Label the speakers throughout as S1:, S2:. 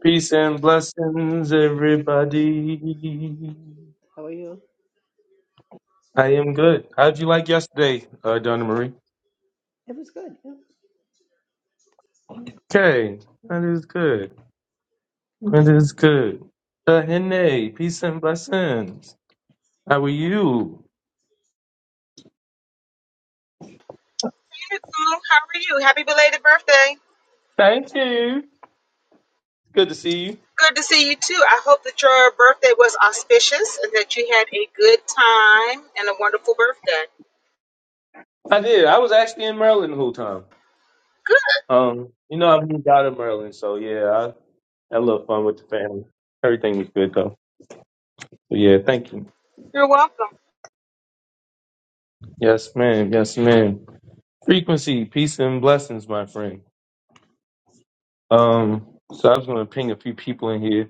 S1: Peace and blessings, everybody.
S2: How are you?
S1: I am good. How'd you like yesterday, uh, Donna Marie?
S2: It was good. Yeah.
S1: Okay, that is good. That is good. Uh, Hene, peace and blessings. How are you?
S3: Hey, Nicole, How are you? Happy belated birthday.
S1: Thank you. Good to see you.
S3: Good to see you too. I hope that your birthday was auspicious and that you had a good time and a wonderful birthday.
S1: I did. I was actually in Maryland the whole time. Um, you know, I moved out of Maryland, so yeah, I had a little fun with the family. Everything was good though. So yeah, thank you.
S3: You're welcome.
S1: Yes, ma'am. Yes, ma'am. Frequency, peace and blessings, my friend. Um, so I was gonna ping a few people in here.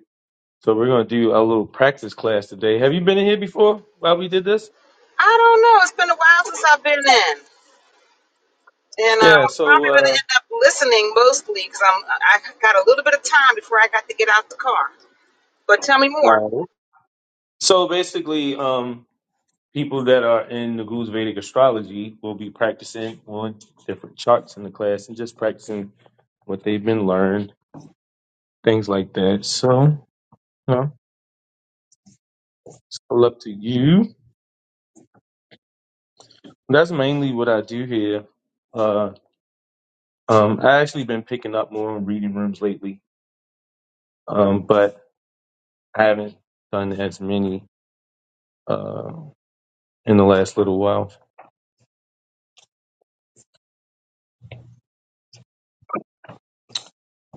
S1: So we're gonna do a little practice class today. Have you been in here before while we did this?
S3: I don't know. It's been a while since I've been in. And uh,
S1: Yeah,
S3: I'm
S1: so
S3: probably going to
S1: uh
S3: end up listening mostly because I'm I got a little bit of time before I got to get out the car. But tell me more.
S1: Alright. so basically um people that are in the Guru's Vedic astrology will be practicing on different charts in the class and just practicing what they've been learned, things like that. So you know, it's all up to you. That's mainly what I do here. Uh um I actually been picking up more on reading rooms lately. Um but I haven't done as many uh, in the last little while.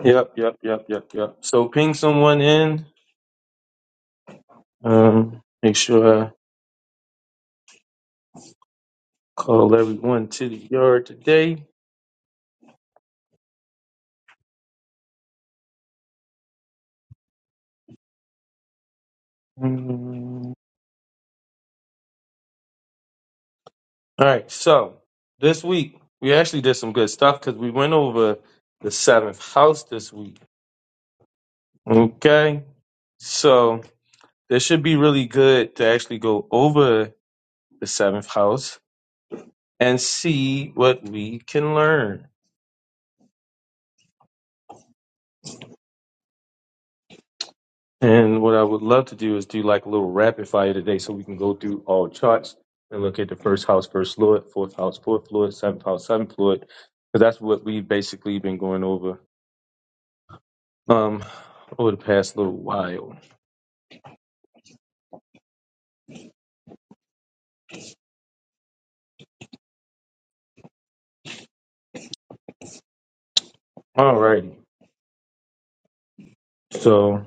S1: Yep, yep, yep, yep, yep. So ping someone in. Um, make sure I call everyone to the yard today. Mm, All right. So this week we actually did some good stuff because we went over the seventh house this week. Okay. So this should be really good to actually go over the seventh house and see what we can learn. And what I would love to do is do like a little rapid fire today so we can go through all charts and look at the first house, first lord, fourth house, fourth lord, seventh house, seventh lord, Because that's what we've basically been going over um over the past little while. Alrighty, So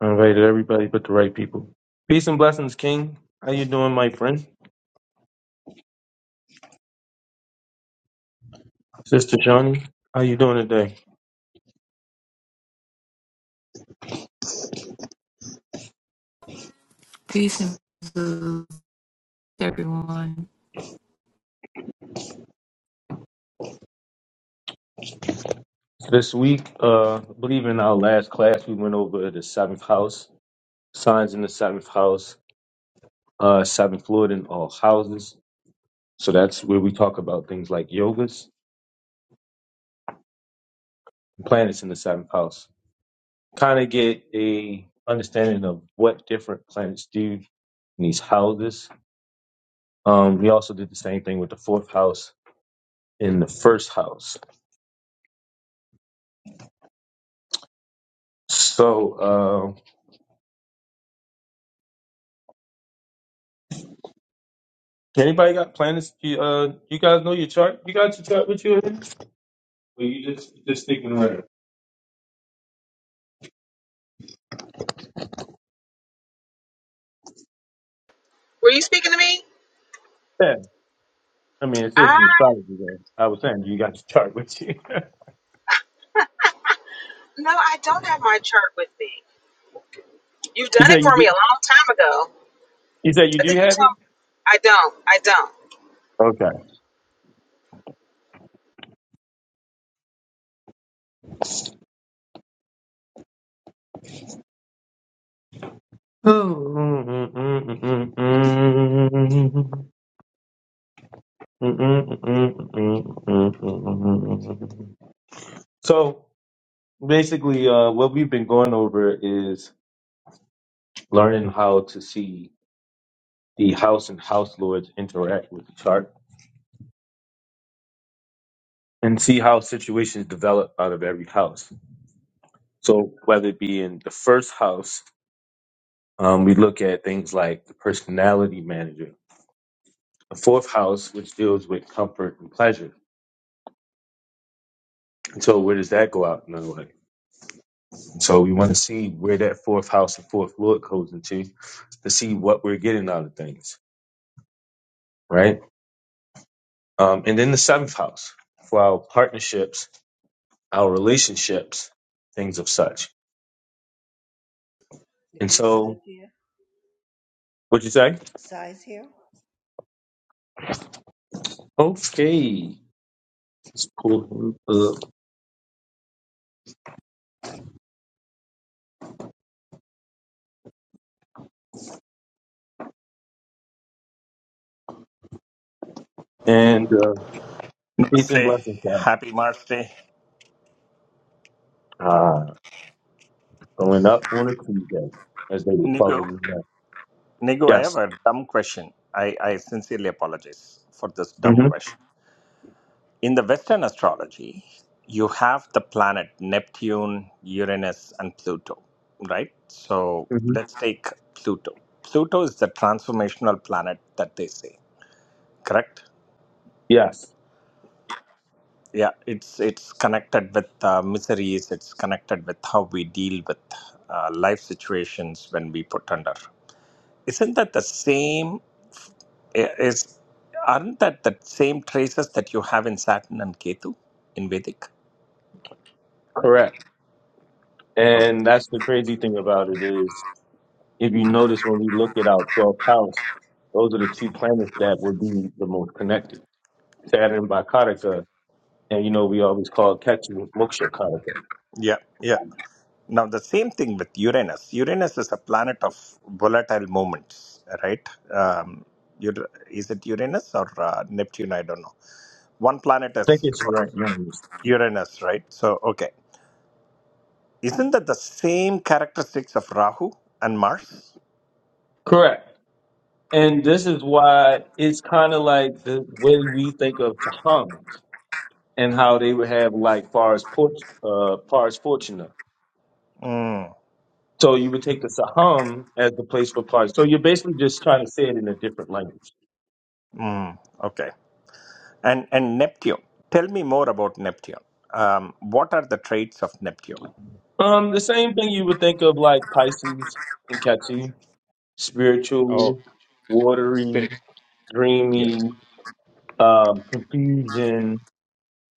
S1: I invited everybody but the right people. Peace and blessings, King. How you doing, my friend? Sister Johnny, how you doing today?
S4: Peace and blessings, everyone.
S1: This week, uh, I believe in our last class we went over the seventh house, signs in the seventh house uh, seventh floor in all houses. So that's where we talk about things like yogas, planets in the seventh house. Kind of get a understanding of what different planets do in these houses. Um, we also did the same thing with the fourth house in the first house. So uh, anybody got planets? You, uh, you guys know your chart? You got your chart with you? Or you just just sticking around?
S3: Were you speaking to me?
S1: Yeah, I mean it is
S3: I
S1: an astrology there. I was saying you got your chart with you.
S3: no, I don't have my chart with me. You've
S1: you
S3: done
S1: said
S3: it
S1: you
S3: for me
S1: do.
S3: a long time ago.
S1: You said you
S3: I
S1: do
S3: think you
S1: have
S3: told. I don't. I don't.
S1: it. So basically, uh, what we've been going over is learning how to see the house and house lords interact with each other and see how situations develop out of every house. So whether it be in the first house, um, we look at things like the personality manager. The fourth house, which deals with comfort and pleasure. So where does that go out in our life? So we want to see where that fourth house and fourth lord goes into to see what we're getting out of things, right? Um, and then the seventh house for our partnerships, our relationships, things of such.
S2: The
S1: And
S2: good size
S1: so,
S2: here.
S1: what'd you say?
S2: Size here.
S1: Okay, let's pull him up. And uh, peace and
S5: Say
S1: blessings, God.
S5: happy Mars Day.
S1: Ah, going up on a Tuesday as they were
S5: Nigu,
S1: closing the night.
S5: Nigu, I have
S1: Yes.
S5: a dumb question. I, I sincerely apologize for this dumb
S1: hmm
S5: question. In the Western astrology, you have the planet Neptune, Uranus, and Pluto, right? So
S1: hmm
S5: let's take Pluto. Pluto is the transformational planet that they say, correct?
S1: Yes.
S5: Yeah, it's it's connected with uh, miseries. It's connected with how we deal with uh, life situations when we put under isn't that the same Is aren't that the same traces that you have in Saturn and Ketu in Vedic?
S1: Correct.
S5: Oh,
S1: And that's the crazy thing about it is If you notice when we look at our 12th house, those are the two planets that would be the most connected. Saturn by Karaka, and you know we always call Ketu Moksha Karaka.
S5: yeah, yeah. Now the same thing with Uranus. Uranus is a planet of volatile moments, right? Um, Ur- is it Uranus or uh, Neptune? I don't know. One planet
S1: I think
S5: is
S1: it's
S5: for
S1: right. Youngest.
S5: Uranus, right? So okay, isn't that the same characteristics of Rahu and Mars?
S1: Correct. And this is why it's kind of like the way we think of Taham and how they would have like Forest Port, uh, Forest Fortuna.
S5: Mm,
S1: So you would take the saham as the place for Pars. So you're basically just trying to say it in a different language.
S5: mm, okay. And and Neptune. Tell me more about Neptune. Um, what are the traits of Neptune?
S1: Um, the same thing you would think of like Pisces and Ketu,
S5: Oh,
S1: spiritual, watery,
S5: spirit. Yeah.
S1: dreamy, um, confusion.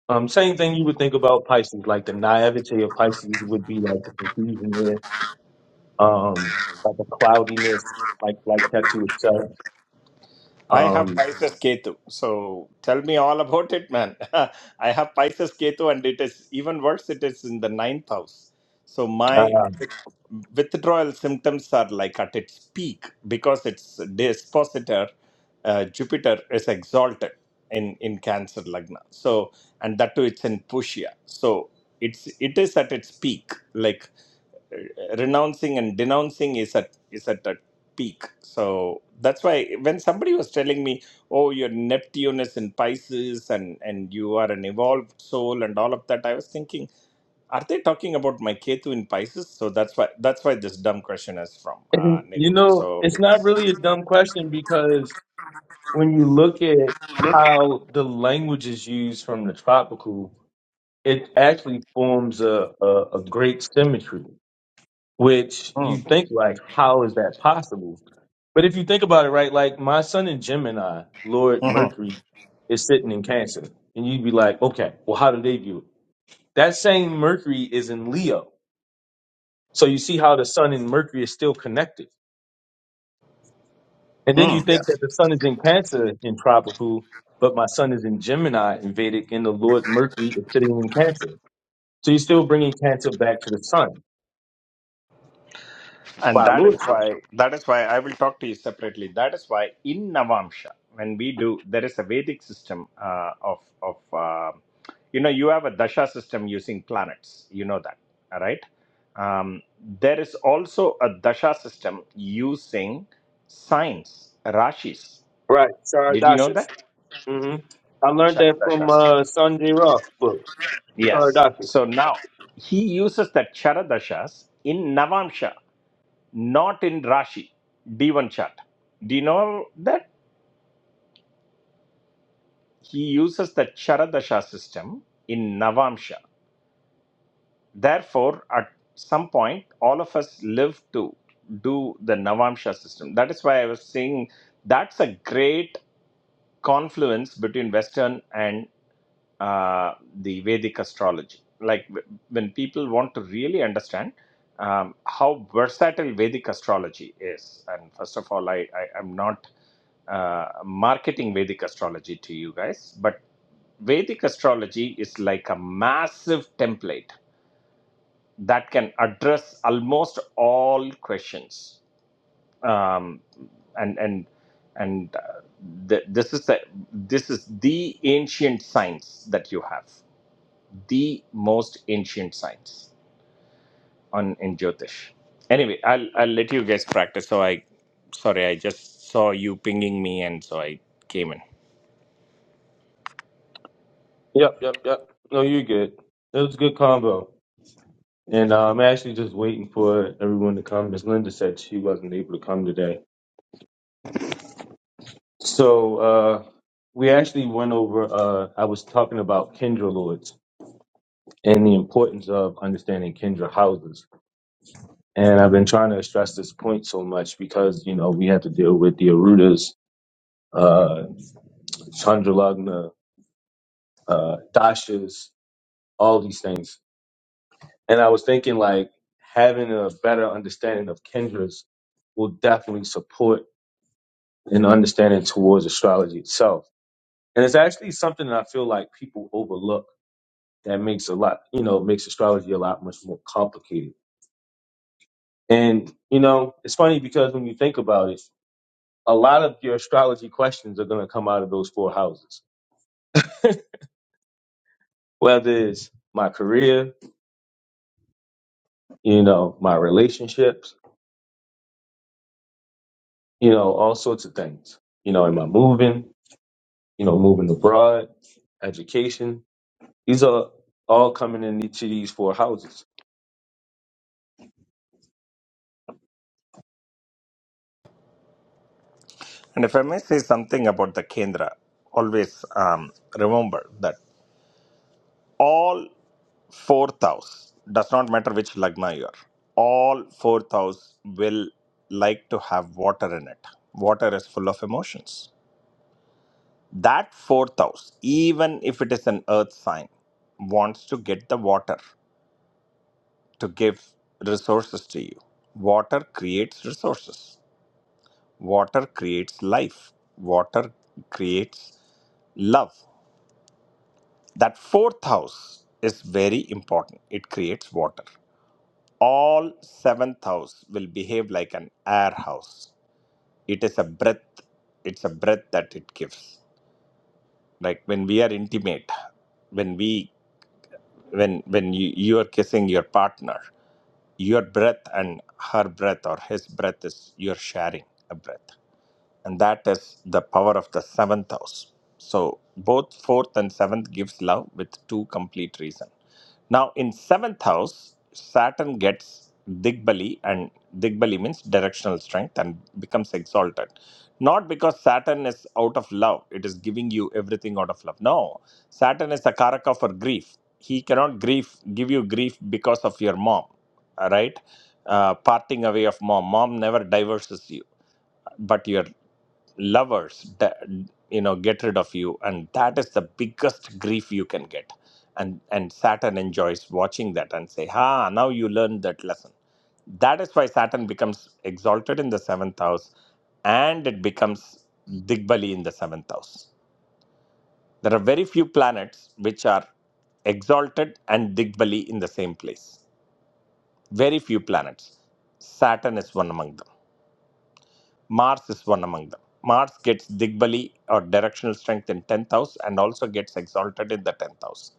S1: Um, same thing you would think about Pisces, like the naivete of Pisces would be like the confusion there, um, like the cloudiness, like like Ketu itself.
S5: I have
S1: Um,
S5: Pisces Ketu. So tell me all about it, man. I have Pisces Ketu, and it is even worse, it is in the ninth house. So my
S1: uh,
S5: with- withdrawal symptoms are like at its peak because its dispositor, uh, Jupiter, is exalted in, in Cancer Lagna. So, and that too, it's in Pushya. So it's it is at its peak. Like renouncing and denouncing is at is at a peak so that's why when somebody was telling me oh your neptune is in pisces and and you are an evolved soul and all of that i was thinking are they talking about my ketu in pisces so that's why that's why this dumb question is from uh,
S1: and you
S5: nego
S1: know,
S5: so
S1: it's not
S5: because
S1: really
S5: uh,
S1: a dumb question because when you look at how the language is used from the tropical, it actually forms a, a, a great symmetry, which you think like, how is that possible? But if you think about it, right, like my son in Gemini, Lord Mercury, is sitting in Cancer. And you'd be like, okay, well, how do they view it? That same Mercury is in Leo. So you see how the sun and Mercury is still connected And then you
S5: hmm, yeah.
S1: think that the sun is in Cancer in tropical, but my sun is in Gemini in Vedic, and the Lord Mercury is sitting in Cancer. So you're still bringing Cancer back to the sun
S5: And
S1: by
S5: that is
S1: lordship.
S5: why that is why I will talk to you separately. That is why in Navamsha, when we do, there is a Vedic system uh, of of uh, you know you have a dasha system using planets. You know that, all right? Um, there is also a dasha system using signs, rashis.
S1: Right,
S5: Did you know
S1: Saradashas.
S5: that?
S1: hmm I learned that from
S5: Charadashas.
S1: uh, Sanjay Roth book,
S5: Yes.
S1: Saradashas.
S5: So now he uses that charadashas in Navamsha not in Rashi, D1 chart. Do you know that he uses the Charadasha system in Navamsha? Therefore, at some point, all of us live to do the Navamsha system. That is why I was saying that's a great confluence between Western and uh, the Vedic astrology. Like when people want to really understand um, how versatile Vedic astrology is, and first of all, I, I am not uh, marketing Vedic astrology to you guys, but Vedic astrology is like a massive template that can address almost all questions. Um, and and and uh, th- this is the this is the ancient science that you have the most ancient science on in Jyotish. Anyway, I'll I'll let you guys practice. So I, sorry, I just saw you pinging me, and so I came in.
S1: Yep, yep, yep. No, you're good. It was a good combo. And uh, I'm actually just waiting for everyone to come. Miss Linda said she wasn't able to come today. So uh, we actually went over, uh, I was talking about Kendra Lords and the importance of understanding Kendra houses. And I've been trying to stress this point so much because, you know, we have to deal with the Arudas, uh, Chandralagna, uh, Dashas, all these things. And I was thinking like having a better understanding of Kendra's will definitely support an understanding towards astrology itself. And it's actually something that I feel like people overlook that makes a lot, you know, makes astrology a lot much more complicated. And you know, it's funny because when you think about it, a lot of your astrology questions are going to come out of those four houses. Whether it's my career, you know, my relationships, you know, all sorts of things. You know, am I moving? You know, moving abroad, education. These are all coming in each of these four houses.
S5: And if I may say something about the Kendra, always um, remember that all fourth house does not matter which lagna you are. All fourth house will like to have water in it. Water is full of emotions That fourth house, even if it is an earth sign, wants to get the water to give resources to you. Water creates resources, water creates life, water creates love. That fourth house is very important. It creates water. All seventh house will behave like an air house. It is a breath, it's a breath that it gives. Like when we are intimate, when we when when you you are kissing your partner your breath and her breath or his breath is you're sharing a breath and that is the power of the seventh house so both fourth and seventh gives love with two complete reason now in seventh house saturn gets digbali and digbali means directional strength and becomes exalted not because saturn is out of love it is giving you everything out of love no saturn is the karaka for grief he cannot grief give you grief because of your mom right uh, parting away of mom mom never divorces you but your lovers d- you know get rid of you and that is the biggest grief you can get and and saturn enjoys watching that and say ha now you learned that lesson that is why saturn becomes exalted in the seventh house and it becomes digbali in the seventh house there are very few planets which are exalted and digbali in the same place very few planets saturn is one among them Mars is one among them. Mars gets Digbali or directional strength in 10th house and also gets exalted in the 10th house.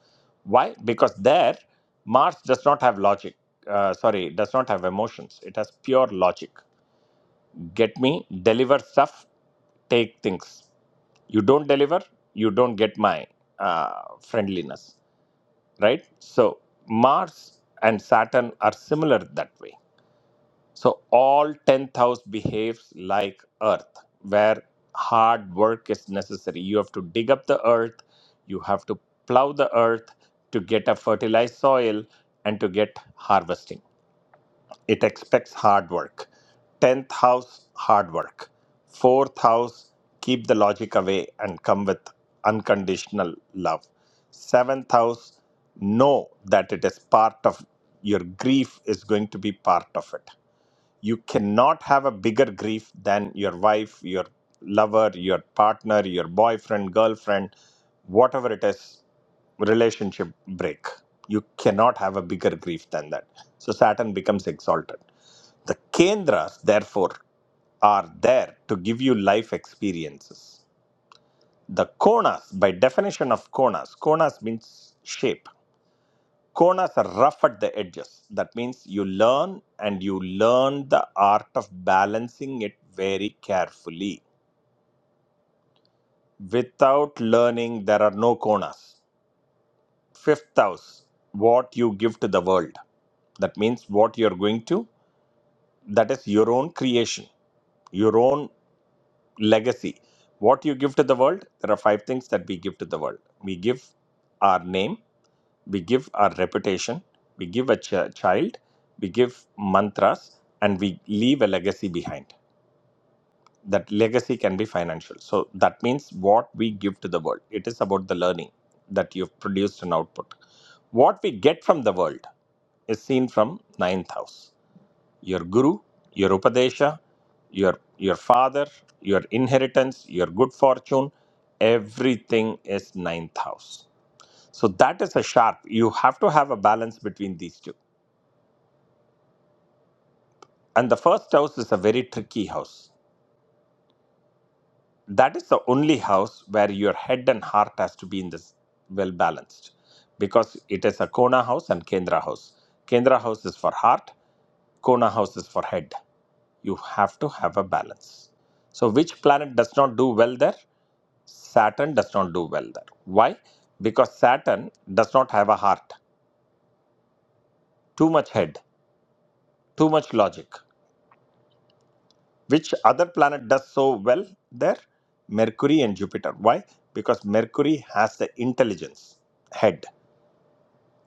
S5: Why? Because there, Mars does not have logic. Uh, sorry, does not have emotions. It has pure logic. Get me, deliver stuff, take things. You don't deliver, you don't get my uh, friendliness, right? So, Mars and Saturn are similar that way so all tenth house behaves like earth, where hard work is necessary. You have to dig up the earth, you have to plow the earth to get a fertilized soil and to get harvesting. It expects hard work. Tenth house, hard work. Fourth house, keep the logic away and come with unconditional love. Seventh house, know that it is part of your grief is going to be part of it you cannot have a bigger grief than your wife, your lover, your partner, your boyfriend, girlfriend, whatever it is, relationship break. You cannot have a bigger grief than that. So Saturn becomes exalted. The Kendras, therefore, are there to give you life experiences. The Konas, by definition of Konas, Konas means shape Konas are rough at the edges. That means you learn and you learn the art of balancing it very carefully. Without learning, there are no Konas. Fifth house, what you give to the world. That means what you're going to, that is your own creation, your own legacy. What you give to the world, there are five things that we give to the world. We give our name, we give our reputation, we give a ch- child, we give mantras, and we leave a legacy behind. That legacy can be financial. So that means what we give to the world. It is about the learning that you've produced an output. What we get from the world is seen from ninth house. Your guru, your upadesha, your your father, your inheritance, your good fortune, everything is ninth house. So that is a sharp. You have to have a balance between these two. And the first house is a very tricky house. That is the only house where your head and heart has to be in this well balanced because it is a Kona house and Kendra house. Kendra house is for heart, Kona house is for head. You have to have a balance. So which planet does not do well there? Saturn does not do well there. Why? Because Saturn does not have a heart. Too much head, too much logic. Which other planet does so well there? Mercury and Jupiter. Why? Because Mercury has the intelligence head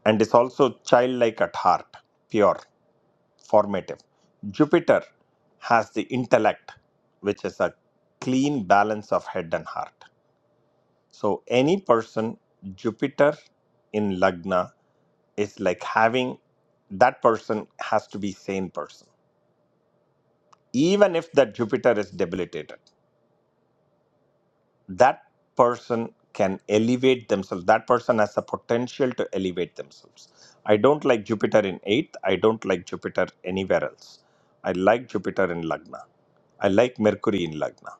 S5: and is also childlike at heart, pure, formative. Jupiter has the intellect, which is a clean balance of head and heart. So, any person, Jupiter in Lagna is like having that person has to be sane person even if that jupiter is debilitated that person can elevate themselves that person has the potential to elevate themselves i don't like jupiter in 8th i don't like jupiter anywhere else i like jupiter in lagna i like mercury in lagna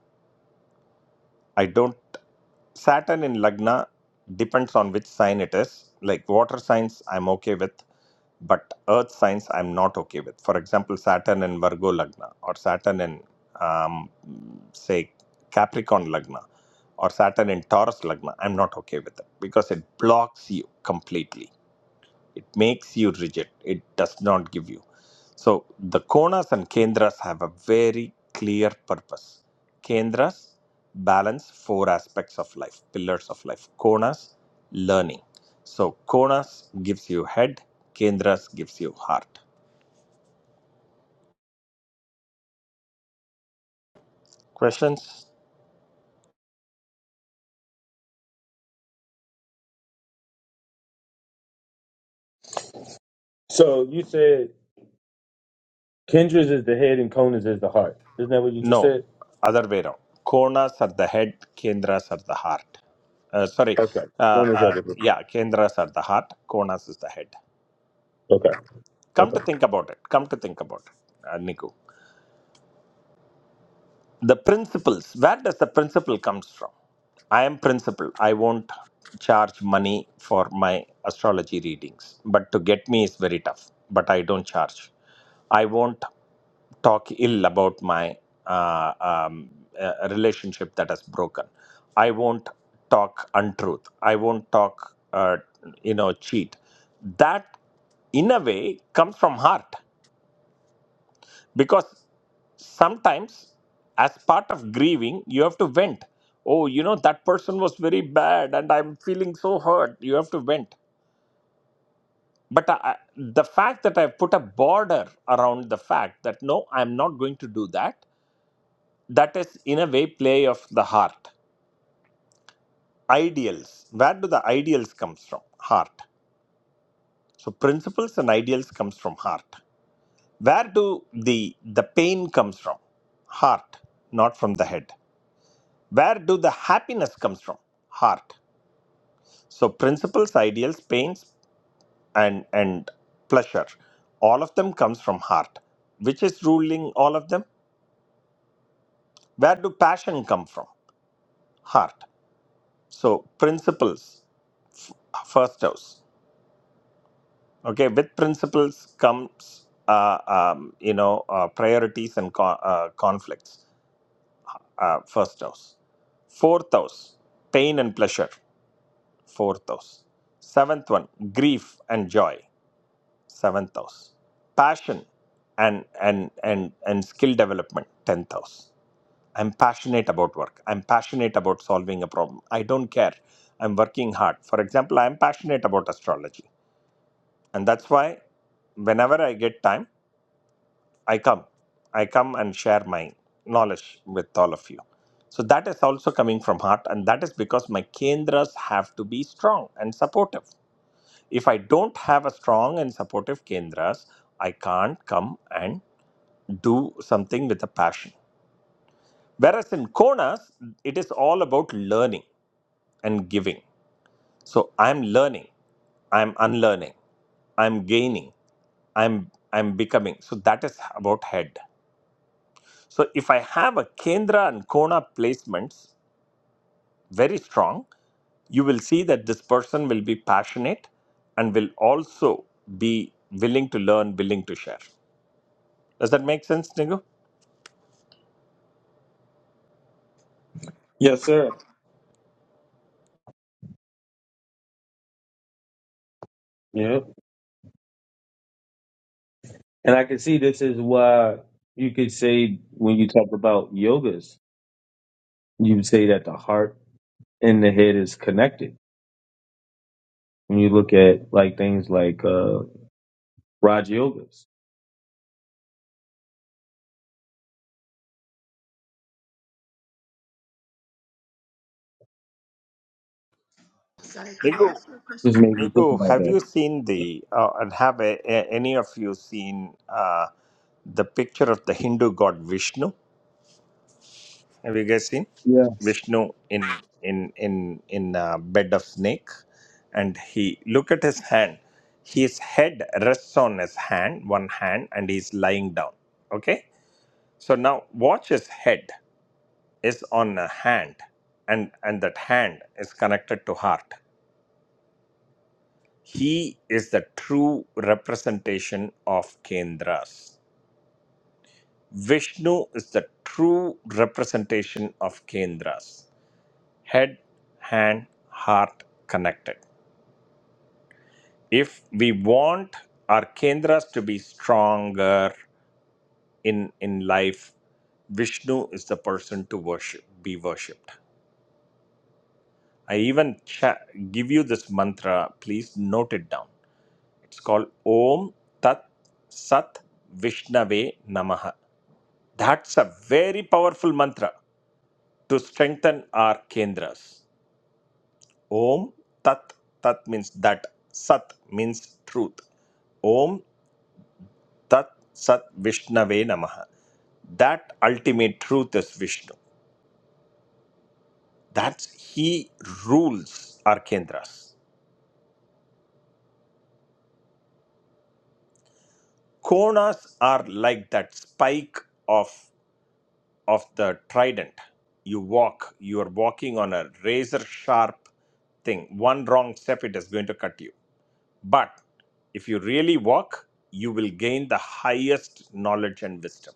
S5: i don't Saturn in Lagna depends on which sign it is. Like water signs, I'm okay with, but earth signs, I'm not okay with. For example, Saturn in Virgo Lagna, or Saturn in, um, say, Capricorn Lagna, or Saturn in Taurus Lagna, I'm not okay with it because it blocks you completely it makes you rigid it does not give you so the konas and kendras have a very clear purpose kendras balance four aspects of life pillars of life konas learning so konas gives you head kendras gives you heart questions
S1: So you said Kendra's is the head and Conan's is the heart. Isn't that what you just
S5: no
S1: said?
S5: other way around konas are the head kendras are the heart uh, sorry
S1: Okay.
S5: uh,
S1: Conan's
S5: uh,
S1: out of here.
S5: yeah kendras are the heart konas is the head
S1: Okay.
S5: come to
S1: Okay.
S5: think about it come to think about it uh, niku the principles where does the principle comes from i am principle i won't charge money for my astrology readings but to get me is very tough but i don't charge i won't talk ill about my uh, um, uh, relationship that has broken i won't talk untruth i won't talk uh, you know cheat that in a way comes from heart because sometimes as part of grieving you have to vent oh you know that person was very bad and i'm feeling so hurt you have to vent but I, I- the fact that i've put a border around the fact that no i'm not going to do that that is in a way play of the heart ideals where do the ideals comes from heart so principles and ideals comes from heart where do the the pain comes from heart not from the head where do the happiness comes from heart so principles ideals pains and and pleasure all of them comes from heart which is ruling all of them where do passion come from heart so principles first house okay with principles comes uh, um, you know uh, priorities and co- uh, conflicts uh, first house fourth house pain and pleasure fourth house seventh one grief and joy seventh house passion and and and and skill development 10th house i'm passionate about work i'm passionate about solving a problem i don't care i'm working hard for example i'm passionate about astrology and that's why whenever i get time i come i come and share my knowledge with all of you so that is also coming from heart and that is because my kendras have to be strong and supportive if I don't have a strong and supportive Kendras, I can't come and do something with a passion. Whereas in Konas, it is all about learning and giving. So I'm learning, I'm unlearning, I'm gaining, I'm I'm becoming. So that is about head. So if I have a Kendra and Kona placements very strong, you will see that this person will be passionate and will also be willing to learn, willing to share. Does that make sense, Nigu?
S1: Yes, sir. Yeah. And I can see this is why you could say when you talk about yogas you would say that the heart and the head is connected. When you look at like things like uh Raj Yogas,
S2: Sai, can I
S5: Nigu,
S2: ask you a
S1: just
S2: question?
S1: made me think
S5: Nigu,
S1: about
S5: have
S1: that.
S5: you seen the, uh, and have a, a- any of you seen uh, the picture of the Hindu god Vishnu? Have you guys seen
S1: Yes.
S5: Vishnu in in in in a bed of snake? And he look at his hand. His head rests on his hand, one hand, and he's lying down. Okay. So now watch his head is on a hand, and and that hand is connected to heart. He is the true representation of Kendras. Vishnu is the true representation of Kendras. Head, hand, heart connected. If we want our Kendras to be stronger in, in life, Vishnu is the person to worship, be worshipped. I even cha- give you this mantra. Please note it down. It's called Om Tat Sat Vishnave Namaha. That's a very powerful mantra to strengthen our kendras. Om Tat Tat means that. Sat means truth. Om Tat Sat Vishnave Namaha. That ultimate truth is Vishnu. That's He rules our kendras. Konas are like that spike of of the trident. You walk. You are walking on a razor sharp thing. One wrong step, it is going to cut you But if you really walk, you will gain the highest knowledge and wisdom.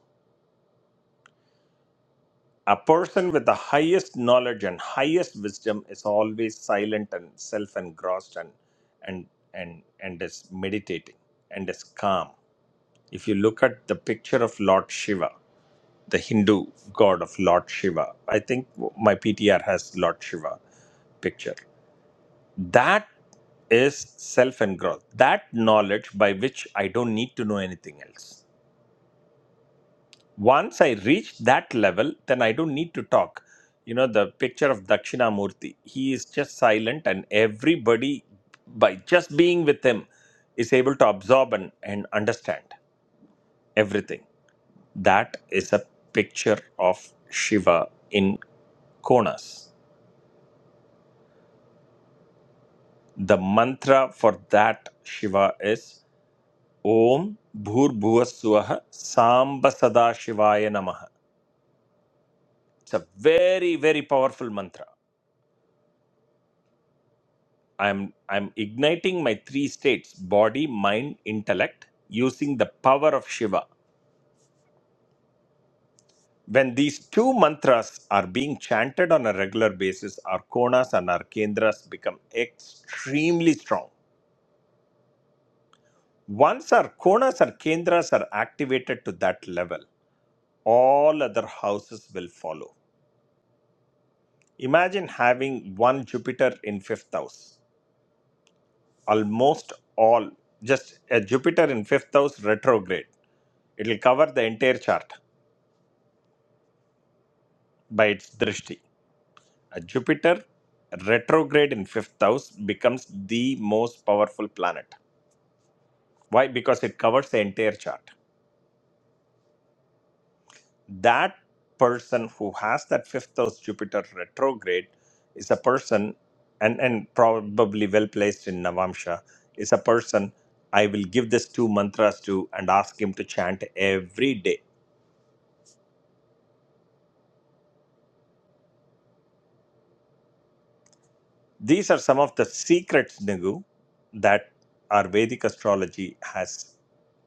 S5: A person with the highest knowledge and highest wisdom is always silent and self engrossed and and and and is meditating and is calm. If you look at the picture of Lord Shiva, the Hindu god of Lord Shiva, I think my PTR has Lord Shiva picture. That is self engrossed. That knowledge by which I don't need to know anything else once i reach that level then i don't need to talk you know the picture of dakshinamurti he is just silent and everybody by just being with him is able to absorb and, and understand everything that is a picture of shiva in konas the mantra for that shiva is om bhurbhuvasuah samba sada shivaya namaha it's a very very powerful mantra I'm I'm igniting my three states body, mind, intellect using the power of Shiva. When these two mantras are being chanted on a regular basis, our konas and our kendras become extremely strong. Once our konas and kendras are activated to that level, all other houses will follow. Imagine having one Jupiter in fifth house. Almost all, just a Jupiter in fifth house retrograde. It will cover the entire chart by its drishti. A Jupiter retrograde in fifth house becomes the most powerful planet. Why? Because it covers the entire chart. That person who has that fifth house Jupiter retrograde is a person, and, and probably well placed in Navamsha, is a person I will give this two mantras to and ask him to chant every day. These are some of the secrets, Nigu, that our Vedic astrology has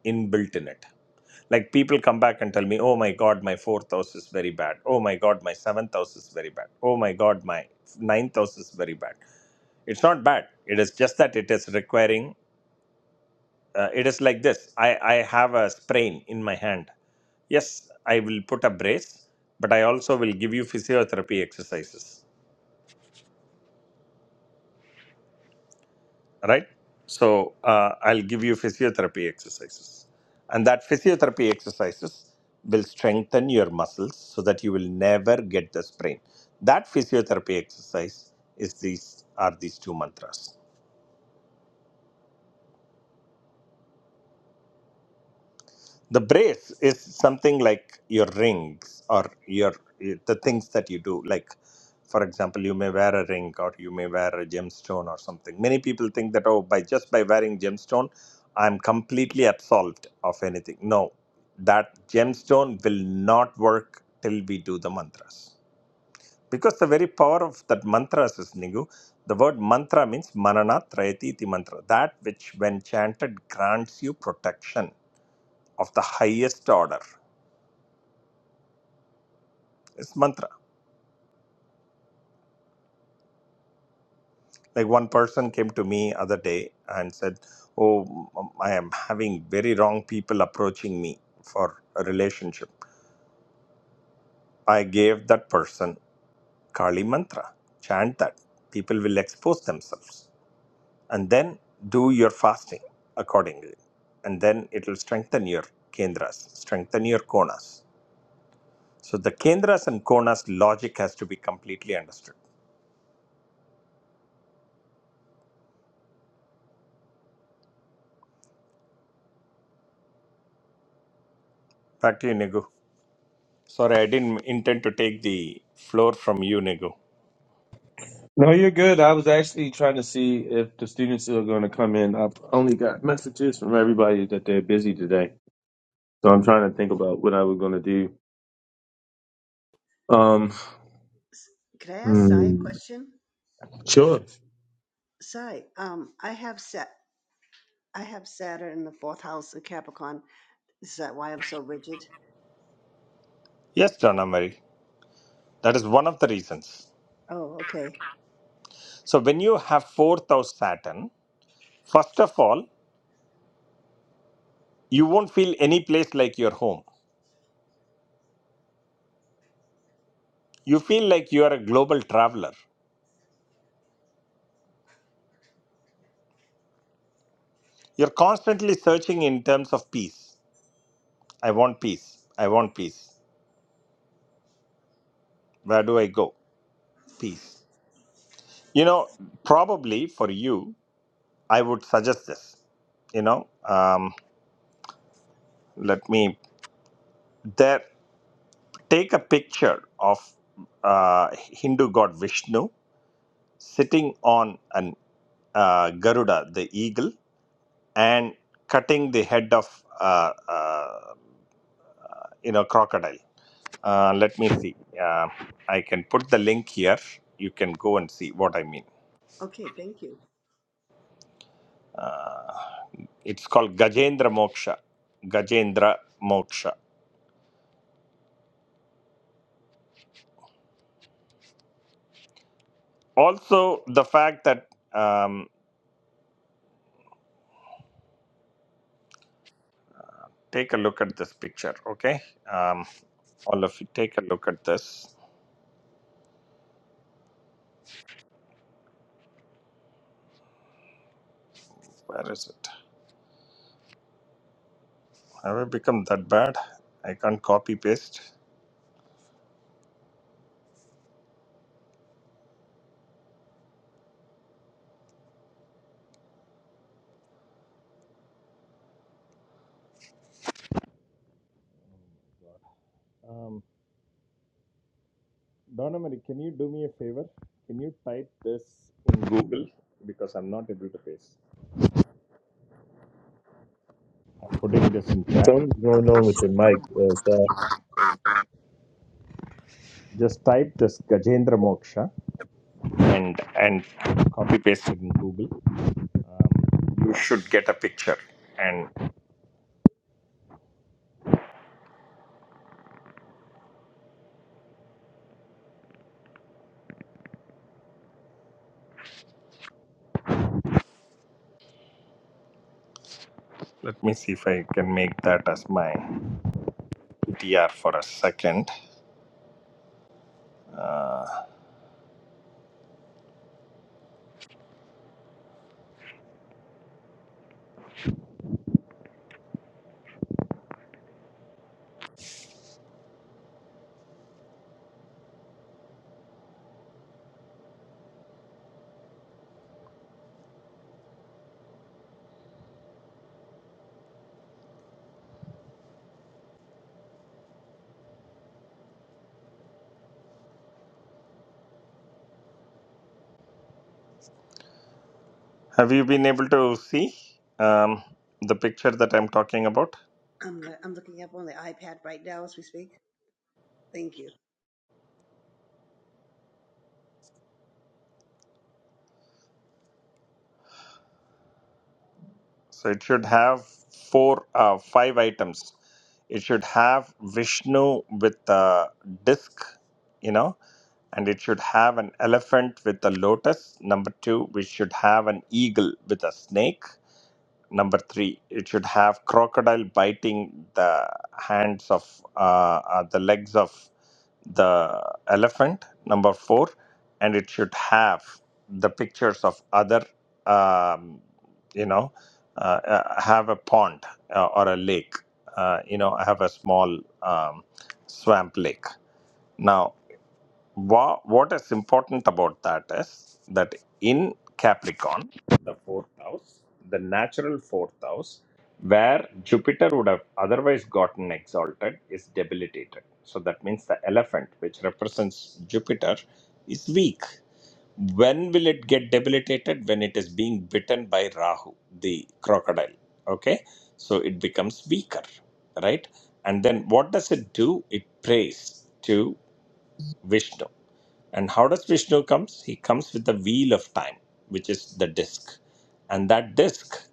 S5: inbuilt in it Like people come back and tell me, oh my God, my fourth house is very bad. Oh my God, my seventh house is very bad. Oh my God, my ninth house is very bad. It's not bad. It is just that it is requiring, uh, it is like this I, I have a sprain in my hand. Yes, I will put a brace, but I also will give you physiotherapy exercises right? So uh, I'll give you physiotherapy exercises, and that physiotherapy exercises will strengthen your muscles so that you will never get the sprain. That physiotherapy exercise is these are these two mantras. the brace is something like your rings or your the things that you do like for example you may wear a ring or you may wear a gemstone or something many people think that oh by just by wearing gemstone i'm completely absolved of anything no that gemstone will not work till we do the mantras because the very power of that mantras is nigu the word mantra means manana trayati iti mantra that which when chanted grants you protection of the highest order it's mantra like one person came to me other day and said oh m- i am having very wrong people approaching me for a relationship i gave that person kali mantra chant that people will expose themselves and then do your fasting accordingly and then it will strengthen your kendras strengthen your konas so the kendras and konas logic has to be completely understood back to you nigu sorry i didn't intend to take the floor from you nigu
S1: No, you're good. I was actually trying to see if the students are going to come in. I've only got messages from everybody that they're busy today, so I'm trying to think about what I was going to do. Um,
S2: S- Can I ask Sai a
S1: hmm,
S2: question?
S1: sure.
S2: Sai, um, I have set. I have Saturn in the fourth house of Capricorn. Is that why I'm so rigid?
S5: Yes, John Mary. That is one of the reasons.
S2: Oh, okay.
S5: So when you have fourth house Saturn, first of all, you won't feel any place like your home. You feel like you are a global traveler. You're constantly searching in terms of peace. I want peace. I want peace. Where do I go? Peace. You know, probably for you, I would suggest this. You know, um, let me there take a picture of uh, Hindu god Vishnu sitting on an uh, Garuda, the eagle, and cutting the head of uh, uh, you know crocodile. Uh, let me see. Uh, I can put the link here. You can go and see what I mean.
S2: Okay, thank you.
S5: Uh, it's called Gajendra Moksha. Gajendra Moksha. Also, the fact that um, take a look at this picture. Okay, um, all of you, take a look at this. Where is it? Have I become that bad? I can't copy paste. Um, Donna Marie, can you do me a favor? Can you type this in Google? Because I'm not able to paste. I'm putting this in chat.
S1: Something's going
S2: Okay,
S1: on with your
S2: sure.
S1: mic.
S5: Just type this Gajendra Moksha and and copy paste it in Google. Um, you should get a picture. And let me see if I can make that as my PTR for a second. Uh, have you been able to see um, the picture that I'm talking about?
S2: I'm I'm looking up on the iPad right now as we speak. Thank you.
S5: So it should have four, uh, five items. It should have Vishnu with a disc, you know, and it should have an elephant with a lotus. Number two, we should have an eagle with a snake. Number three, it should have crocodile biting the hands of uh, uh, the legs of the elephant. Number four, and it should have the pictures of other, um, you know, uh, uh, have a pond uh, or a lake. Uh, you know, have a small um, swamp lake. Now, Wha what is important about that is that in Capricorn, the fourth house, the natural fourth house, where Jupiter would have otherwise gotten exalted, is debilitated. So that means the elephant, which represents Jupiter, is weak. When will it get debilitated? When it is being bitten by Rahu, the crocodile. Okay? So it becomes weaker, right? And then what does it do? It prays to Vishnu. And how does Vishnu comes? He comes with the wheel of time, which is the disc, and that disc,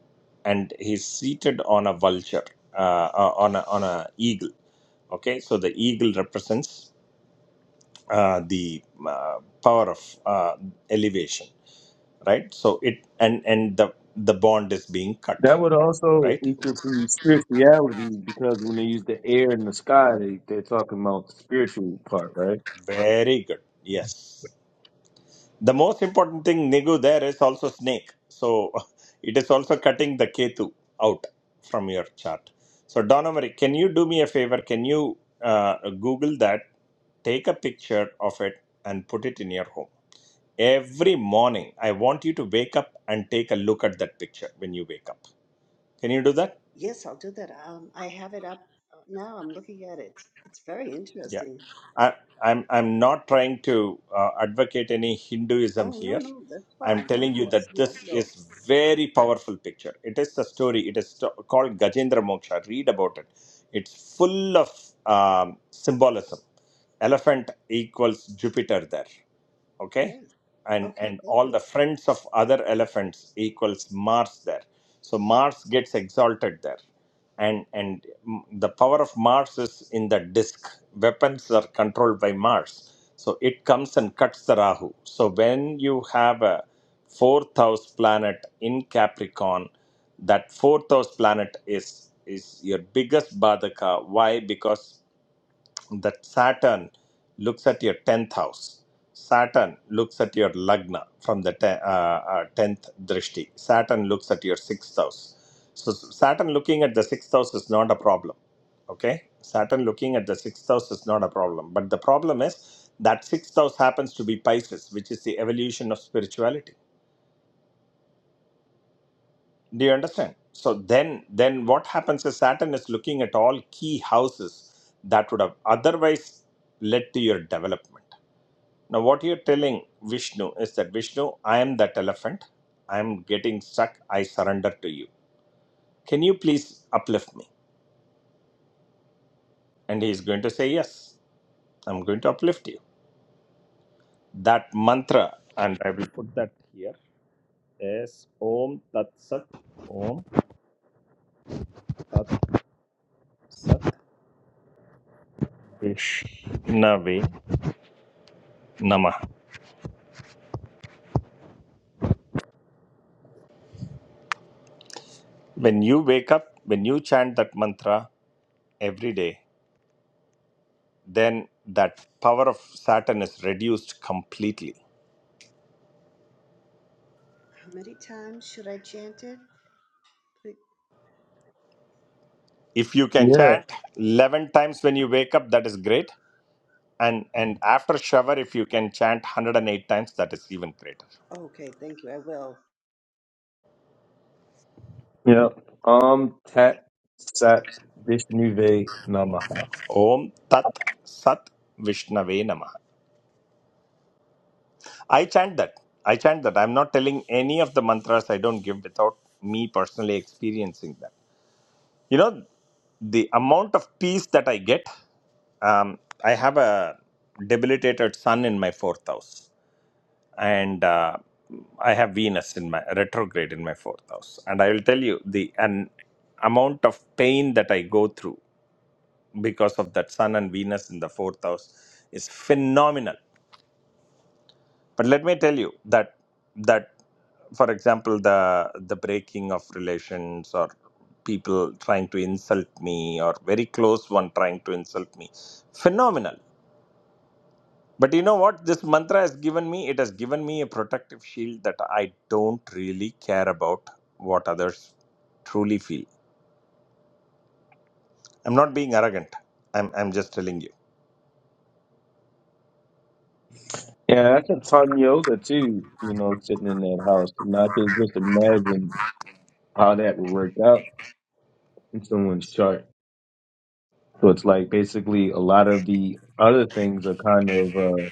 S5: and he's seated on a vulture, uh, uh, on a on a eagle. Okay, so the eagle represents uh, the uh, power of uh, elevation, right? So it and and the the bond is being cut,
S1: That would also
S5: right?
S1: equal to spirituality because when they use the air and the sky, they, they're talking about the spiritual part, right?
S5: Very good. Yes. The most important thing, Nigu, there is also snake. So it is also cutting the Ketu out from your chart. So, Donomary, can you do me a favor? Can you uh, Google that, take a picture of it, and put it in your home? Every morning, I want you to wake up and take a look at that picture when you wake up. Can you do that?
S2: Yes, I'll do that. Um, I have it up uh, now. I'm looking at it. It's very
S5: Yeah,
S2: interesting.
S5: I, I'm I'm not trying to uh, advocate any Hinduism
S2: Oh no,
S5: here.
S2: no, that's
S5: I'm
S2: fine. Of
S5: telling you that
S2: course,
S5: this
S2: no, no.
S5: is very powerful picture. It is a story. It is sto- called Gajendra Moksha. Read about it. It's full of um, symbolism. Elephant equals Jupiter there okay
S2: Yes.
S5: and
S2: Okay,
S5: and
S2: thank
S5: all
S2: you.
S5: the friends of other elephants equals mars there so mars gets exalted there and and mm, the power of mars is in the disk weapons are controlled by mars so it comes and cuts the rahu so when you have a fourth house planet in capricorn that fourth house planet is is your biggest badaka why because that Saturn looks at your 10th house. Saturn looks at your lagna from the 10th uh, uh, 10th drishti. Saturn looks at your 6th house. So, Saturn looking at the 6th house is not a problem. Okay? Saturn looking at the 6th house is not a problem. But the problem is that 6th house happens to be Pisces, which is the evolution of spirituality. Do you understand? So, then, then what happens is Saturn is looking at all key houses that would have otherwise led to your development Now, what you're telling Vishnu is that Vishnu, I am that elephant. I am getting stuck. I surrender to you. Can you please uplift me? And he is going to say, Yes, I'm going to uplift you. That mantra, and I will put that here, is Om Tat Sat, Om Tat Sat Vishnave Namah. When you wake up, when you chant that mantra every day, then that power of Saturn is reduced completely
S2: How many times should I chant it? Ple-
S5: if you can
S1: Yeah.
S5: chant 11 times when you wake up that is great and and after shower if you can chant 108 times that is even greater
S2: Okay, thank you. I will.
S1: Yeah. Um, tat, sat, vishnuve, namaha.
S5: om tat sat vishnave namah i chant that i chant that i'm not telling any of the mantras i don't give without me personally experiencing that you know the amount of peace that i get um, i have a debilitated son in my fourth house and uh, I have Venus in my retrograde in my fourth house. And I will tell you the an amount of pain that I go through because of that Sun and Venus in the fourth house is phenomenal. But let me tell you that that for example the the breaking of relations or people trying to insult me or very close one trying to insult me phenomenal But you know what? This mantra has given me, it has given me a protective shield that I don't really care about what others truly feel. I'm not being arrogant. I'm, I'm just telling you.
S1: Yeah, that's a ton yoga too, you know, sitting in that house. And I can just imagine how that would work out in someone's chart. So it's like basically a lot of the other things are kind of uh,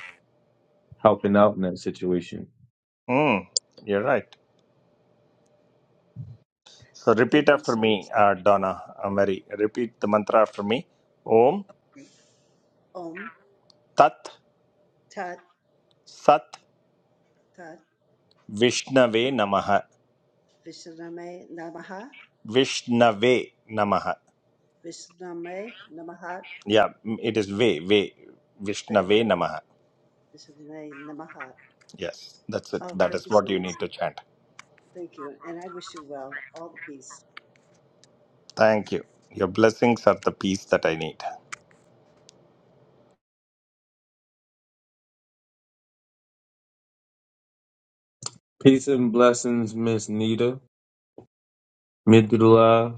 S1: helping out in that situation.
S5: Mm, you're right. So
S2: Thank
S5: repeat
S2: you
S5: after
S2: so much.
S5: me, uh, Donna, uh, Mary. Repeat the mantra after me. Om
S2: Om
S5: Tat
S2: Tat
S5: Sat
S2: Tat
S5: Vishnave Namaha.
S2: Vishname Namaha
S5: Vishnave Namaha.
S2: Vishname Namaha
S5: Yeah, mm, it is Ve, Ve.
S2: Ve
S5: Vishnave Namaha.
S2: Vishname Namaha.
S5: Yes, that's it.
S2: Oh,
S5: That
S2: thank
S5: is
S2: you so
S5: what you
S2: much.
S5: need to
S2: Lord.
S5: chant.
S2: Thank you, and I wish you well. All the peace.
S5: Thank you. Your blessings are the peace that I need.
S1: Peace and blessings, Miss Nita. Midula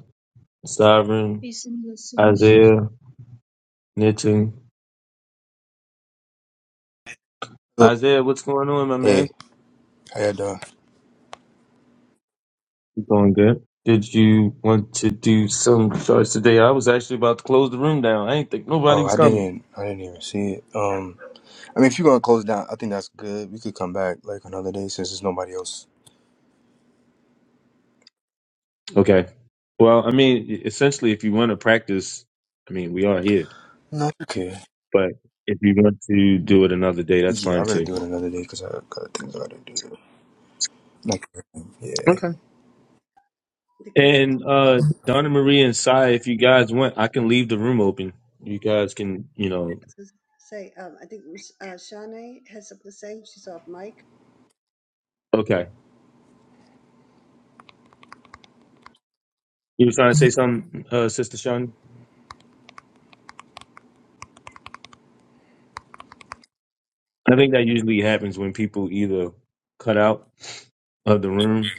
S1: Sovereign,
S6: Peace and blessings.
S1: Isaiah, Nitin.
S7: Oh,
S1: Isaiah, what's going on, my man?
S7: Hey, how you doing?
S1: You Doing good. Did you want to do some charts today? I was actually about to close the room down. I ain't think nobody
S7: Oh, I
S1: was coming.
S7: didn't, I didn't even see it. Um, I mean, if you're gonna close down, I think that's good. We could come back like another day since there's nobody else.
S1: Okay. Well, I mean, e, essentially, if you want to practice, I mean, we are here.
S7: No, it's okay.
S1: But if you want to do it another day, that's
S7: Yeah,
S1: fine
S7: I'd rather
S1: too.
S7: do it another day because I got things I gotta do. Like, yeah.
S1: Okay.
S2: To go
S1: And uh Donna Marie and Sai, if you guys want, I can leave the room open. You guys can, you know.
S2: to say, um, I think uh, Shanae has something to say. She's off mic.
S1: Okay. You were trying to say something, uh, Sister Shawnee? I think that usually happens when people either cut out of the room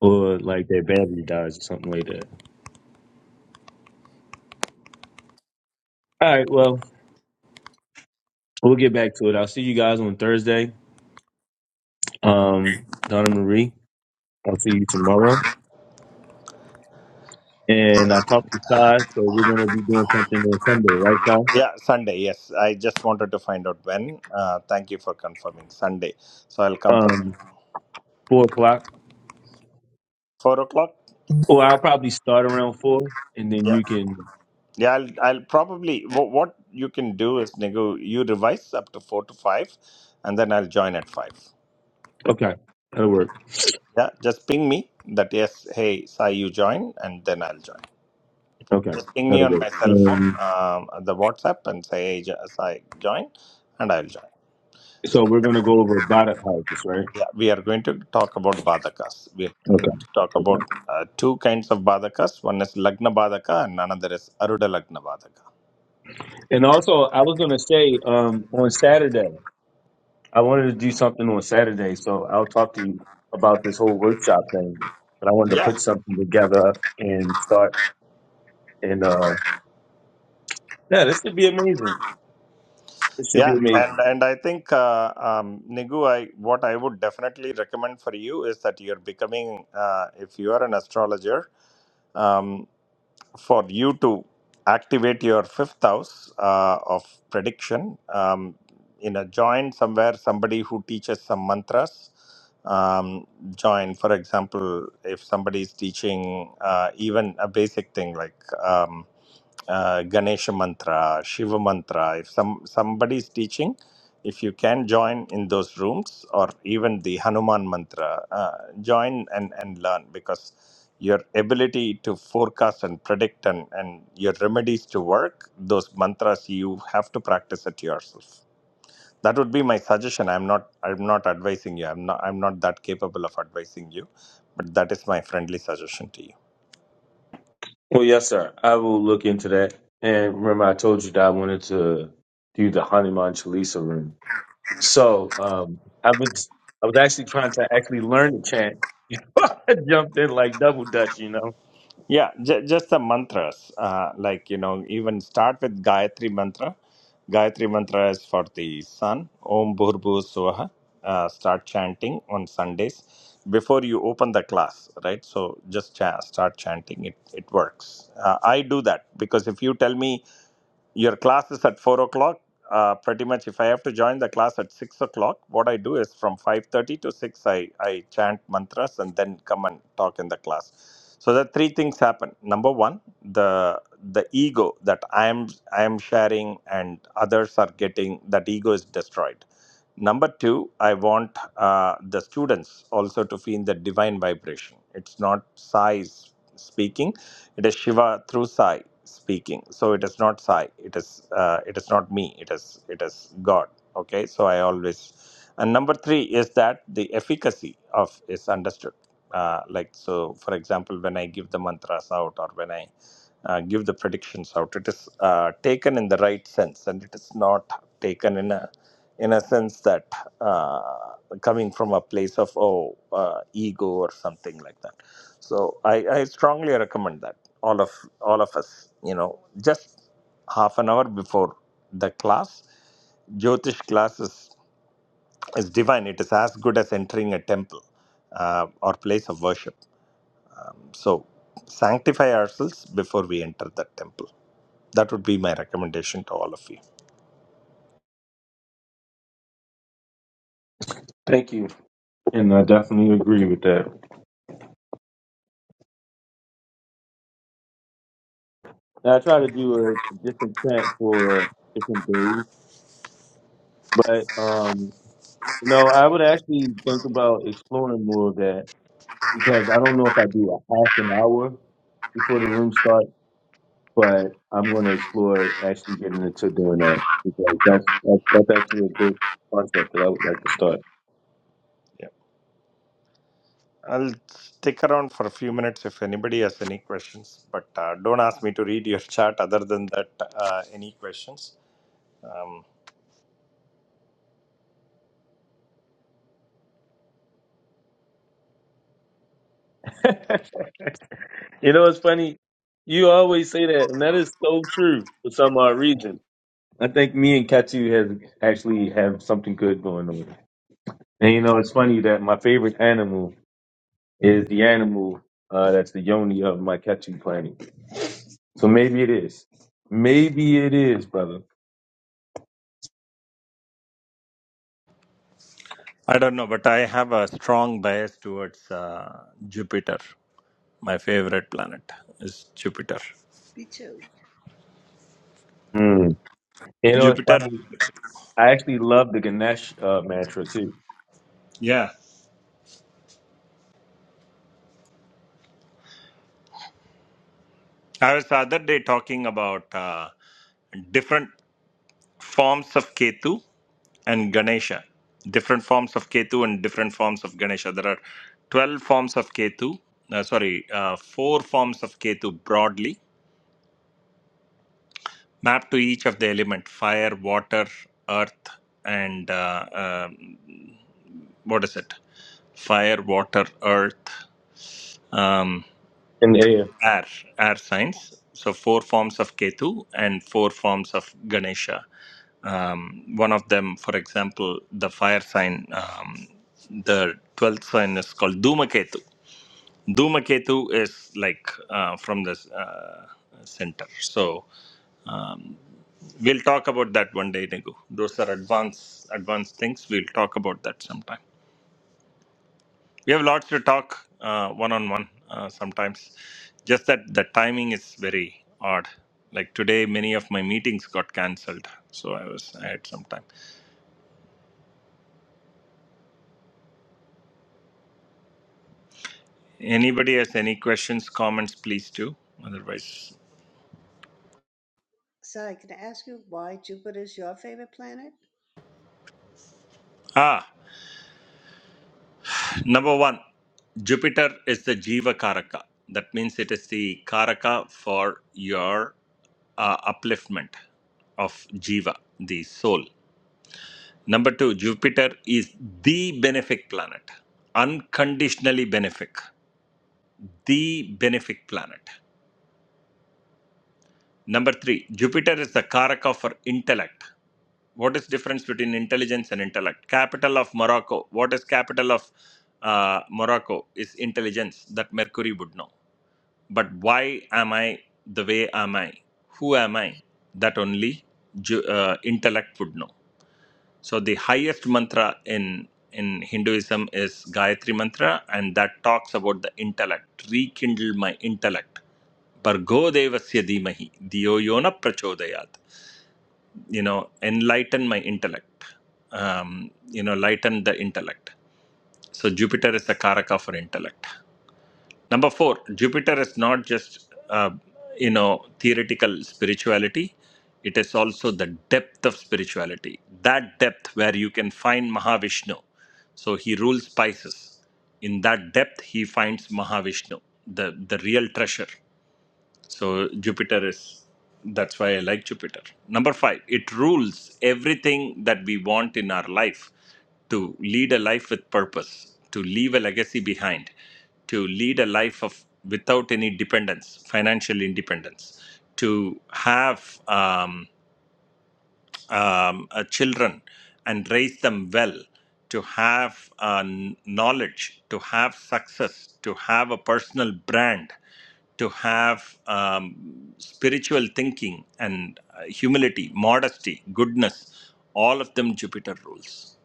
S1: or like their battery dies or something like that. All right, well, we'll get back to it. I'll see you guys on Thursday. Um, Donna Marie, I'll see you tomorrow. And I talked to Sai, so we're gonna be doing something on Sunday, right, Sai?
S5: Yeah, Sunday. Yes, I just wanted to find out when. Uh, thank you for confirming Sunday. So I'll come present.
S1: Um, four o'clock.
S5: Four o'clock.
S1: Or I'll probably start around four, and then
S5: Yeah,
S1: you can.
S5: yeah. I'll I'll probably wha what you can do is Nigu, you revise up to four to five, and then I'll join at five.
S1: Okay, that'll work.
S5: Yeah, just ping me that yes. Hey, Sai, you join, and then I'll join.
S1: Okay,
S5: Just ping me
S1: that'll
S5: on
S1: work.
S5: my cell phone,
S1: Um,
S5: um, the WhatsApp, and say hey, Ja- Sai, join, and I'll join.
S1: so we're gonna go over Bada houses, right?
S5: Yeah, we are going to talk about Badhakas. We are going
S1: Okay.
S5: to talk
S1: Okay.
S5: about uh, two kinds of Badhakas. One is Lagna Badhaka and another is Aruda Lagna Badhaka.
S1: And also, I was gonna say um, on Saturday, I wanted to do something on Saturday, so I'll talk to you about this whole workshop thing. But I wanted to
S5: Yeah,
S1: put something together and start. And uh, yeah, this should be amazing. This should be
S5: yeah,
S1: amazing.
S5: and and I think uh, um, Nigu, I what I would definitely recommend for you is that you're becoming, uh, if you are an astrologer, um, for you to activate your fifth house uh, of prediction um, in a join somewhere somebody who teaches some mantras um, join for example if somebody is teaching uh, even a basic thing like um, uh, ganesha mantra shiva mantra if some somebody is teaching if you can join in those rooms or even the hanuman mantra uh, join and, and learn because your ability to forecast and predict and, and your remedies to work those mantras you have to practice it yourself that would be my suggestion i'm not i'm not advising you i'm not i'm not that capable of advising you but that is my friendly suggestion to you
S1: Well, yes, sir. I will look into that. And remember, I told you that I wanted to do the Hanuman Chalisa room. So um, I was I was actually trying to actually learn the chant. I jumped in like double dutch, you know.
S5: Yeah, j- just the mantras. Uh, like, you know, even start with Gayatri mantra. Gayatri mantra is for the sun. Om Bhurbu Swaha. Uh, start chanting on Sundays before you open the class, right? So just cha- start chanting. It, it works. Uh, I do that because if you tell me your class is at 4 o'clock uh, pretty much if i have to join the class at 6 o'clock what i do is from 5.30 to 6 I, I chant mantras and then come and talk in the class so the three things happen number one the the ego that i am i am sharing and others are getting that ego is destroyed Number two, I want uh, the students also to feel the divine vibration. It's not Sai speaking; it is Shiva through Sai speaking. So it is not Sai. It is uh, it is not me. It is it is God. Okay. So I always and number three is that the efficacy of is understood. Uh, like so, for example, when I give the mantras out or when I uh, give the predictions out, it is uh, taken in the right sense and it is not taken in a in a sense that uh, coming from a place of oh uh, ego or something like that so I, I strongly recommend that all of all of us you know just half an hour before the class jyotish class is, is divine it is as good as entering a temple uh, or place of worship um, so sanctify ourselves before we enter that temple that would be my recommendation to all of you
S1: Thank you, and I definitely agree with that. And I try to do a different chant for different days, but um, you know, I would actually think about exploring more of that because I don't know if I do a half an hour before the room starts, but I'm going to explore actually getting into doing that because that's that's, that's actually a good concept that I would like to start.
S5: I'll stick around for a few minutes if anybody has any questions, but uh, don't ask me to read your chat other than that, uh, any questions. Um,
S1: you know, it's funny. You always say that, and that is so true for some odd reason. I think me and Katu has actually have something good going on. And you know, it's funny that my favorite animal is the animal uh, that's the yoni of my Ketu planet. So maybe it is. Maybe it is, brother.
S5: I don't know, but I have a strong bias towards uh, Jupiter. My favorite planet is Jupiter.
S2: Me too.
S1: Mm. You know, it's
S5: Jupiter,
S1: funny. I actually love the Ganesh uh, mantra too.
S5: yeah. I was the other day talking about uh, different forms of Ketu. and Ganesha. Different forms of Ketu and different forms of Ganesha. There are 12 forms of Ketu, uh, sorry, uh, four forms of Ketu broadly, mapped to each of the element fire, water, earth, and uh, um, what is it? Fire, water, earth, um,
S1: In the air.
S5: air, air signs. So, four forms of Ketu and four forms of Ganesha. Um, One of them, for example, the fire sign, um, the 12th sign is called Duma Ketu Dhumaketu is like uh, from the uh, center. So we'll talk about that one day, Nigu. Those are advanced advanced things. We'll talk about that sometime. We have lots to talk one on one sometimes. Just that the timing is very odd. Like today, many of my meetings got cancelled, so I was I had some time. Anybody has any questions, comments, please do. Otherwise,
S2: Sai, can I ask you why Jupiter is your favorite planet?
S5: ah. Number one, Jupiter is the Jiva Karaka. That means it is the Karaka for your uh, upliftment of Jiva, the soul. Number two, Jupiter is the benefic planet, unconditionally benefic, the benefic planet. Number three, Jupiter is the Karaka for intellect. What is difference between intelligence and intellect? Capital of Morocco. What is capital of uh, Morocco? Is intelligence that Mercury would know. but why am I the way am I? Who am I? That only ju- uh, intellect would know. So the highest mantra in in Hinduism is Gayatri mantra, and that talks about the intellect. Rekindle my intellect. Bargo devasya dhimahi diyo yona prachodayat. You know, enlighten my intellect. Um, you know, lighten the intellect. So Jupiter is the karaka for intellect. Number four, Jupiter is not just uh, you know theoretical spirituality; it is also the depth of spirituality. That depth where you can find Mahavishnu. So he rules Pisces. In that depth, he finds Mahavishnu, the the real treasure. So Jupiter is that's why I like Jupiter. Number 5, it rules everything that we want in our life to lead a life with purpose, to leave a legacy behind, to lead a life of without any dependence, financial independence, to have um, um, uh, children and raise them well to have uh, kn- knowledge, to have success, to have a personal brand, to have um, spiritual thinking and uh, humility, modesty, goodness, all of them Jupiter rules.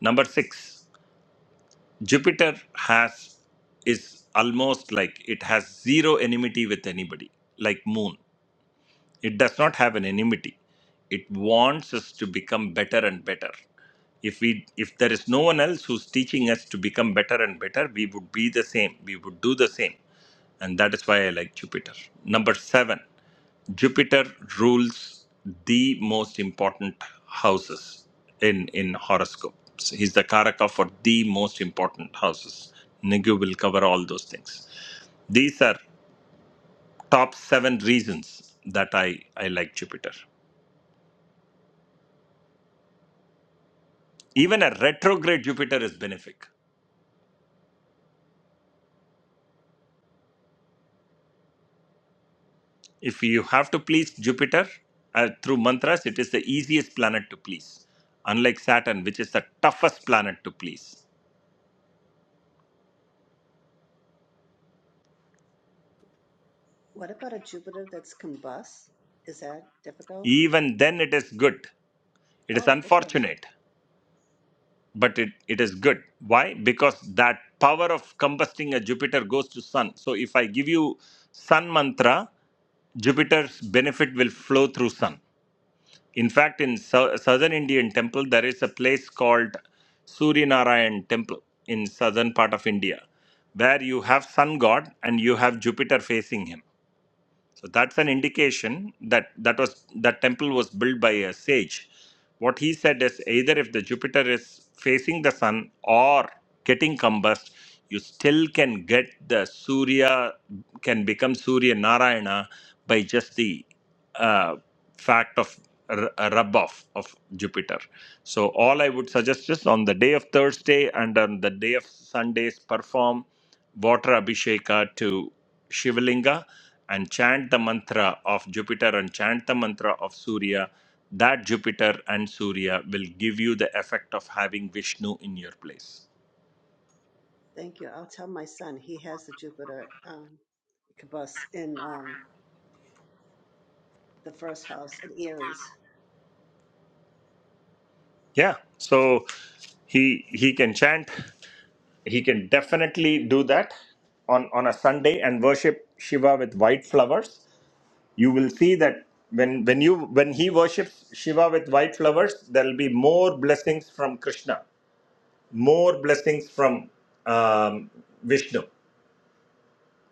S5: Number six, Jupiter has is almost like it has zero enmity with anybody, like Moon. It does not have an enmity. It wants us to become better and better. If we if there is no one else who's teaching us to become better and better, we would be the same. We would do the same. And that is why I like Jupiter. Number 7. Jupiter rules the most important houses in in horoscopes. He's the karaka for the most important houses. Nigu will cover all those things. These are top seven reasons that I I like Jupiter. Even a retrograde Jupiter is benefic. If you have to please Jupiter uh, through mantras, it is the easiest planet to please, unlike Saturn, which is the toughest planet to please.
S2: What about a Jupiter that's combust? Is that difficult?
S5: Even then, it is good. It is
S2: Oh, okay.
S5: unfortunate, but it, it is good. Why? Because that power of combusting a Jupiter goes to Sun. So if I give you Sun mantra, Jupiter's benefit will flow through Sun. In fact, in sou- southern Indian temple, there is a place called Suryanarayan temple in southern part of India, where you have sun god and you have Jupiter facing him so that's an indication that that was that temple was built by a sage. What he said is either if the Jupiter is facing the sun or getting combust, you still can get the Surya can become Surya Narayana by just the uh, fact of r- a rub off of Jupiter. So all I would suggest is on the day of Thursday and on the day of Sundays perform water abhisheka to Shivalinga and chant the mantra of Jupiter and chant the mantra of Surya, that Jupiter and Surya will give you the effect of having Vishnu in your place.
S2: Thank you. I'll tell my son. He has the Jupiter um, combust in um, the first house in Aries.
S5: Yeah, so he he can chant, he can definitely do that on on a Sunday and worship Shiva with white flowers. You will see that when when you when he worships Shiva with white flowers, there will be more blessings from Krishna, more blessings from um, Vishnu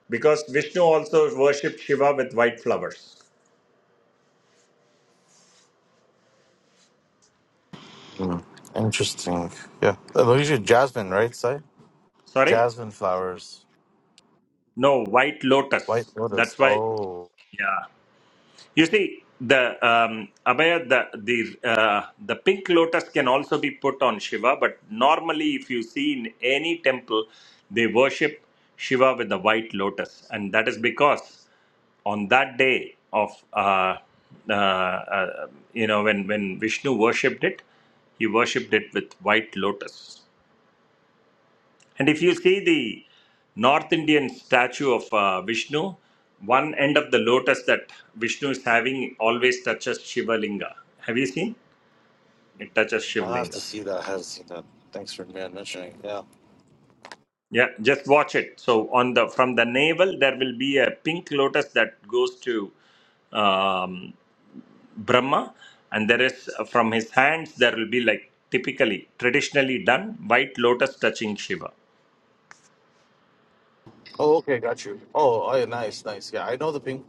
S5: because Vishnu also worshipped Shiva with white flowers.
S8: Mm, Interesting. Yeah. Uh, those are jasmine, right, Si?
S5: Sorry?
S8: Jasmine flowers.
S5: No, white
S8: White
S5: lotus.
S8: lotus.
S5: That's why.
S8: Oh.
S5: Yeah. You see, the um, Abhaya, the the uh, the pink lotus can also be put on Shiva, but normally, if you see in any temple, they worship Shiva with the white lotus, and that is because on that day of uh, uh, uh, you know when when Vishnu worshipped it, he worshipped it with white lotus. And if you see the North Indian statue of uh, Vishnu, one end of the lotus that Vishnu is having always touches Shiva Linga. Have you seen? It touches Shiva
S8: I'll have to
S5: Linga.
S8: see that. I haven't seen that. Thanks for man mentioning. Yeah.
S5: Yeah, just watch it. So on the from the navel, there will be a pink lotus that goes to um, Brahma, and there is uh, from his hands there will be like typically traditionally done white lotus touching Shiva.
S8: Oh, okay. Got you. Oh, oh yeah, nice, nice. Yeah, I know the pink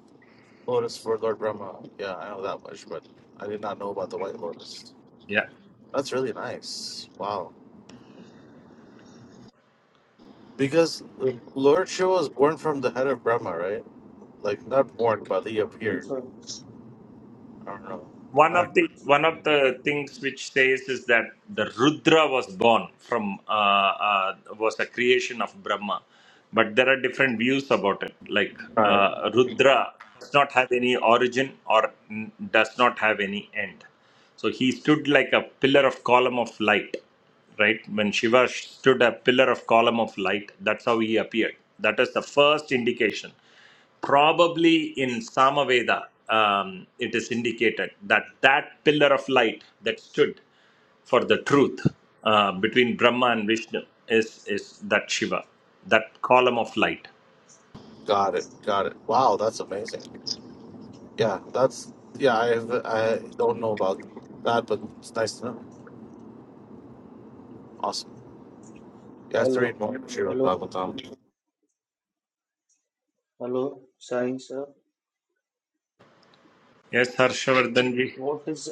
S8: lotus for Lord Brahma. Yeah, I know that much, but I did not know about the white lotus.
S5: Yeah.
S8: That's really nice. Wow. Because like, Lord Shiva was born from the head of Brahma, right? Like, not born, but he appeared.
S9: Infra-
S8: I don't know.
S5: One
S8: All right.
S5: of the one of the things which says is that the Rudra was born from uh, uh, was a creation of Brahma, but there are different views about it. Like
S8: All right.
S5: uh, Rudra does not have any origin or n- does not have any end. So he stood like a pillar of column of light, right? When Shiva stood a pillar of column of light, that's how he appeared. That is the first indication probably in Samaveda, um, it is indicated that that pillar of light that stood for the truth uh, between Brahma and Vishnu is, is that Shiva, that column of light.
S8: Got it. Got it. Wow, that's amazing. Yeah, that's yeah. I have, I don't know about that, but it's nice to know. Awesome. You have to read
S9: Hello,
S8: more Shiro
S9: hello,
S8: Dagotam.
S9: hello, Sai sir.
S5: Yes, Harshvardhanji.
S9: What is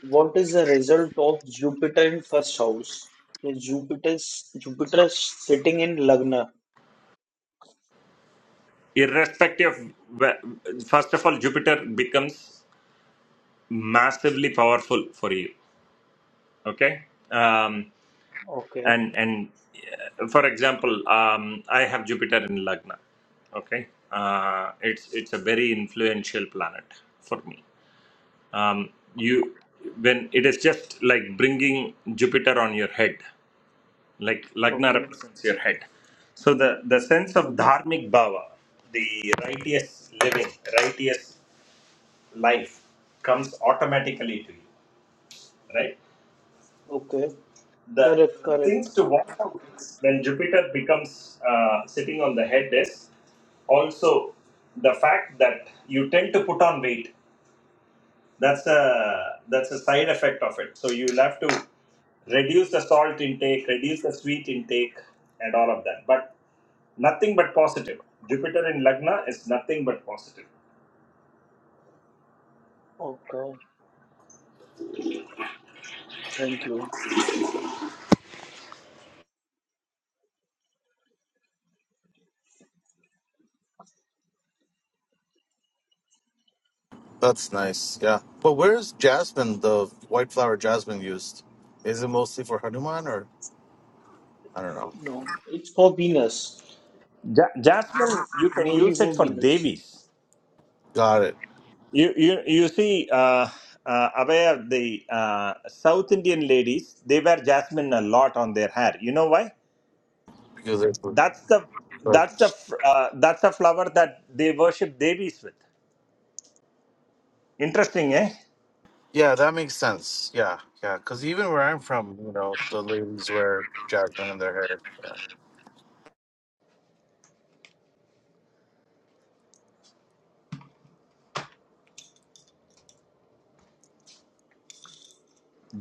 S9: what is the result of Jupiter in first house? Is Jupiter's Jupiter sitting in Lagna?
S5: Irrespective of, wh- first of all, Jupiter becomes massively powerful for you. Okay? Um,
S9: Okay,
S5: and and uh, for example um, i have jupiter in lagna okay uh, it's it's a very influential planet for me um, you when it is just like bringing jupiter on your head like lagna
S9: okay,
S5: represents your head so the the sense of
S9: okay,
S5: dharmic bhava the righteous living righteous life comes automatically to you right
S9: okay.
S5: the
S9: Correct, correct.
S5: things to watch out is when Jupiter becomes uh, sitting on the head is also the fact that you tend to put on weight. That's a that's a side effect of it. So you'll have to reduce the salt intake, reduce the sweet intake, and all of that. But nothing but positive. Jupiter in Lagna is nothing but positive.
S9: Okay, thank you.
S8: That's nice. Yeah, but where is jasmine, the white flower jasmine, used? Is it mostly for Hanuman or I don't know?
S9: No, it's for Venus,
S5: Ja- Jasmine, you can
S9: mainly
S5: use
S9: for
S5: it for
S9: Venus.
S5: devis.
S8: Got it.
S5: You you you see, uh, uh, aware the uh, South Indian ladies they wear jasmine a lot on their hair. You know why?
S8: Because they
S5: That's the
S8: but
S5: that's the f- uh, that's the flower that they worship devis with. Interesting, eh?
S8: yeah, that makes sense. Yeah, yeah. Because even where I'm from, you know, the ladies wear jasmine in their hair. Yeah,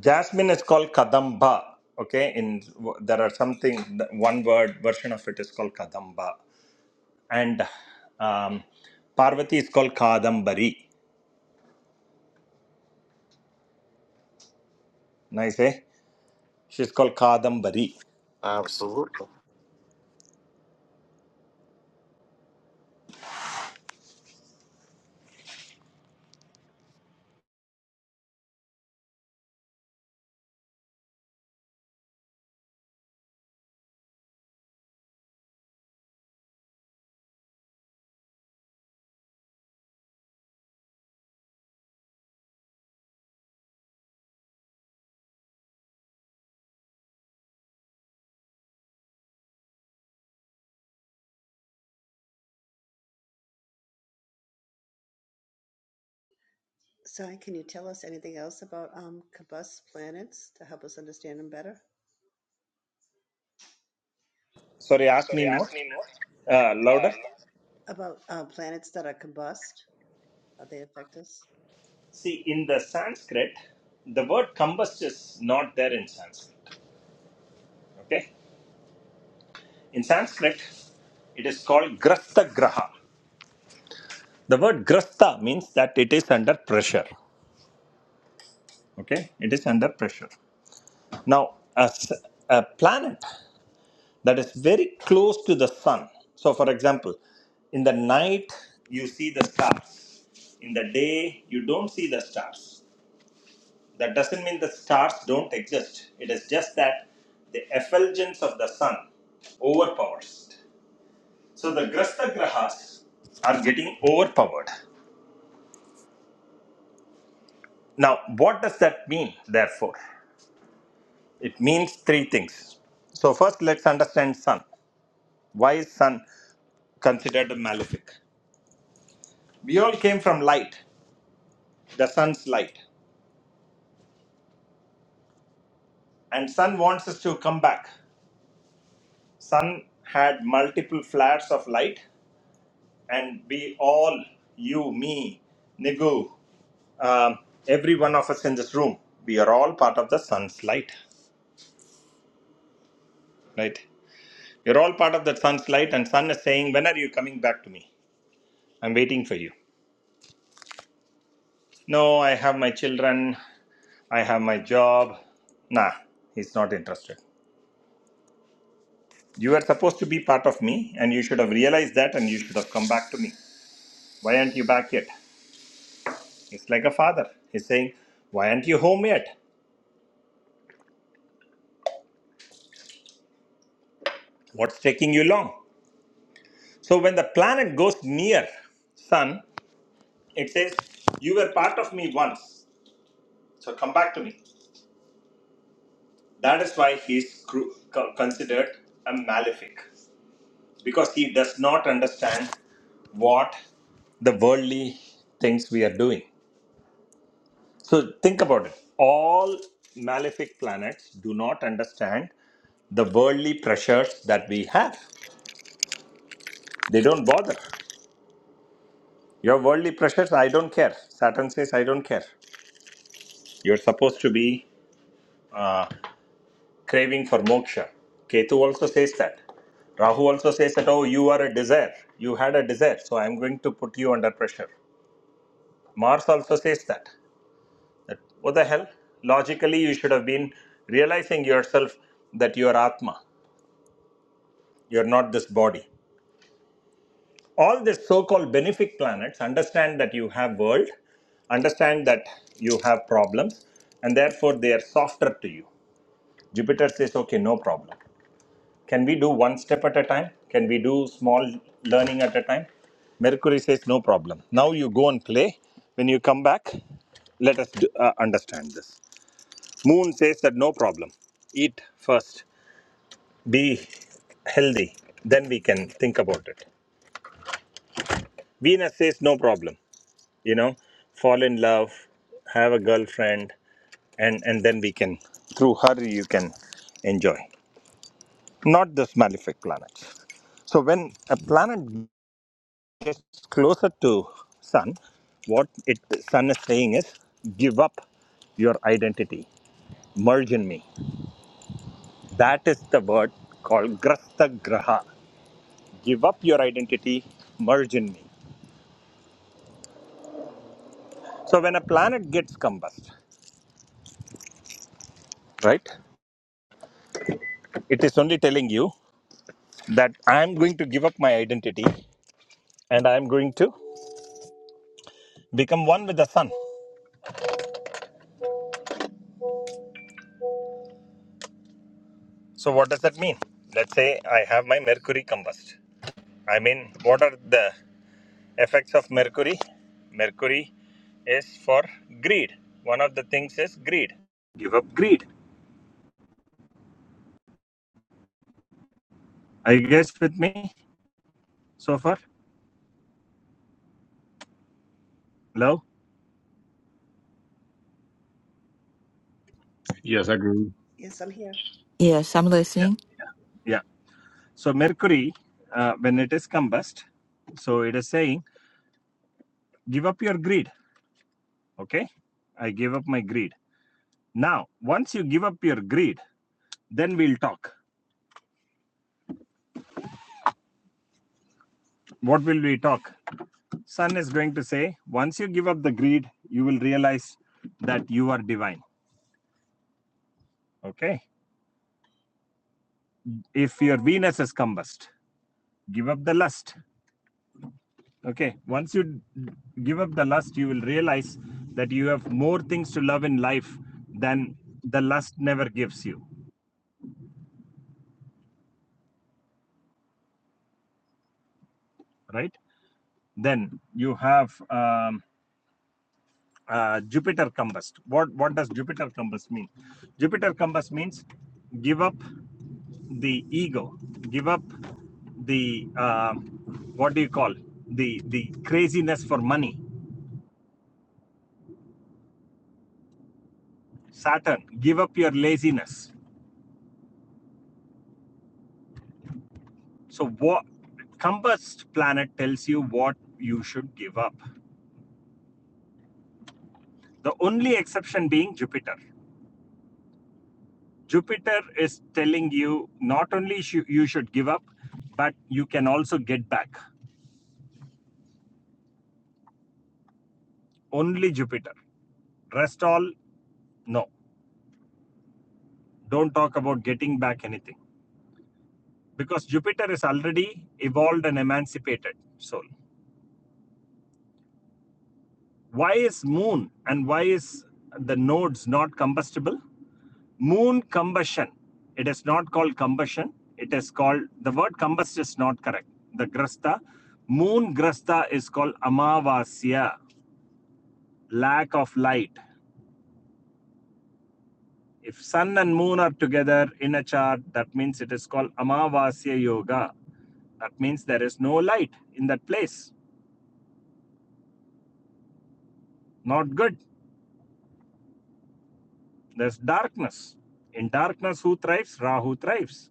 S5: Jasmine is called kadamba. Okay, in there are something one word version of it is called kadamba, and um, Parvati is called kadambari. Nice, eh? She's called kadambari.
S8: absolutely.
S2: So, can you tell us anything else about um, combust planets to help us understand them better?
S5: Sorry, ask
S2: Sorry,
S5: me
S2: ask
S5: more.
S2: me more.
S5: Uh, louder.
S2: Uh, no. About uh, planets that are combust, how they affect us?
S5: See, in the Sanskrit, the word combust is not there in Sanskrit. Okay, in Sanskrit, it is called grasta graha. The word grasta means that it is under pressure. Okay, it is under pressure. Now, a, s- a planet that is very close to the sun. So, for example, in the night you see the stars. In the day you don't see the stars. That doesn't mean the stars don't exist. It is just that the effulgence of the sun overpowers. it. So the Grasta Grahas are getting overpowered. Now, what does that mean, therefore? It means three things. So, first, let's understand sun. Why is sun considered malefic? We all came from light, the sun's light. And sun wants us to come back. Sun had multiple flares of light and we all, you, me, Nigu, um, every one of us in this room, we are all part of the sun's light, right? You're all part of the sun's light, and sun is saying, When are you coming back to me? I'm waiting for you. No, I have my children, I have my job. Nah, he's not interested. You were supposed to be part of me, and you should have realized that, and you should have come back to me. Why aren't you back yet? It's like a father. He's saying, Why aren't you home yet? What's taking you long? So when the planet goes near sun, it says, "You were part of me once, so come back to me." That is why he is cru- co- considered a malefic because he does not understand what the worldly things we are doing. So think about it. All malefic planets do not understand the worldly pressures that we have. They don't bother. Your worldly pressures, I don't care. Saturn says, I don't care. You're supposed to be. uh, craving for moksha. Ketu also says that. Rahu also says that, oh, you are a desire. You had a desire, so I'm going to put you under pressure. Mars also says that. That what the hell? Logically, you should have been realizing yourself that you are Atma. You're not this body. All these so-called benefic planets understand that you have world, understand that you have problems, and therefore they are softer to you. Jupiter says, okay, no problem. Can we do one step at a time? Can we do small learning at a time? Mercury says, No problem. Now you go and play. When you come back, let us do, uh, understand this. Moon says that no problem. Eat first, be healthy, then we can think about it. Venus says, No problem. You know, fall in love, have a girlfriend, and, and then we can, through her, you can enjoy. Not this malefic planet. So when a planet gets closer to sun, what it sun is saying is give up your identity, merge in me. That is the word called grasta graha. Give up your identity, merge in me. So when a planet gets combust, right, it is only telling you that I am going to give up my identity and I am going to become one with the sun. So what does that mean? Let's say I have my Mercury combust. I mean, what are the effects of mercury mercury is for greed one of the things is greed give up greed are you guys with me so far Hello.
S10: Yes, I agree.
S2: Yes, I'm here.
S4: Yes, I'm
S5: yeah
S4: listening.
S5: yeah so mercury uh, when it is combust so it is saying give up your greed okay i give up my greed now once you give up your greed then we'll talk what will we talk sun is going to say once you give up the greed you will realize that you are divine okay if your Venus is combust, give up the lust. Okay. Once you give up the lust, you will realize that you have more things to love in life than the lust never gives you. Right. Then you have um, uh, Jupiter combust. What what does Jupiter combust mean? Jupiter combust means give up the ego, give up the uh, what do you call the the craziness for money. Saturn, give up your laziness So what compass planet tells you what you should give up. The only exception being Jupiter. Jupiter is telling you not only sh- you should give up, but you can also get back. Only Jupiter. Rest all, no. Don't talk about getting back anything because Jupiter is already evolved and emancipated soul. Why is Moon and why is the nodes not combustible? moon combustion. It is not called combustion. It is called, the word combust is not correct. The grasta, moon grasta is called amavasya, lack of light. If sun and moon are together in a chart, that means it is called amavasya yoga. That means there is no light in that place. Not good. There's darkness. In darkness, who thrives? Rahu thrives.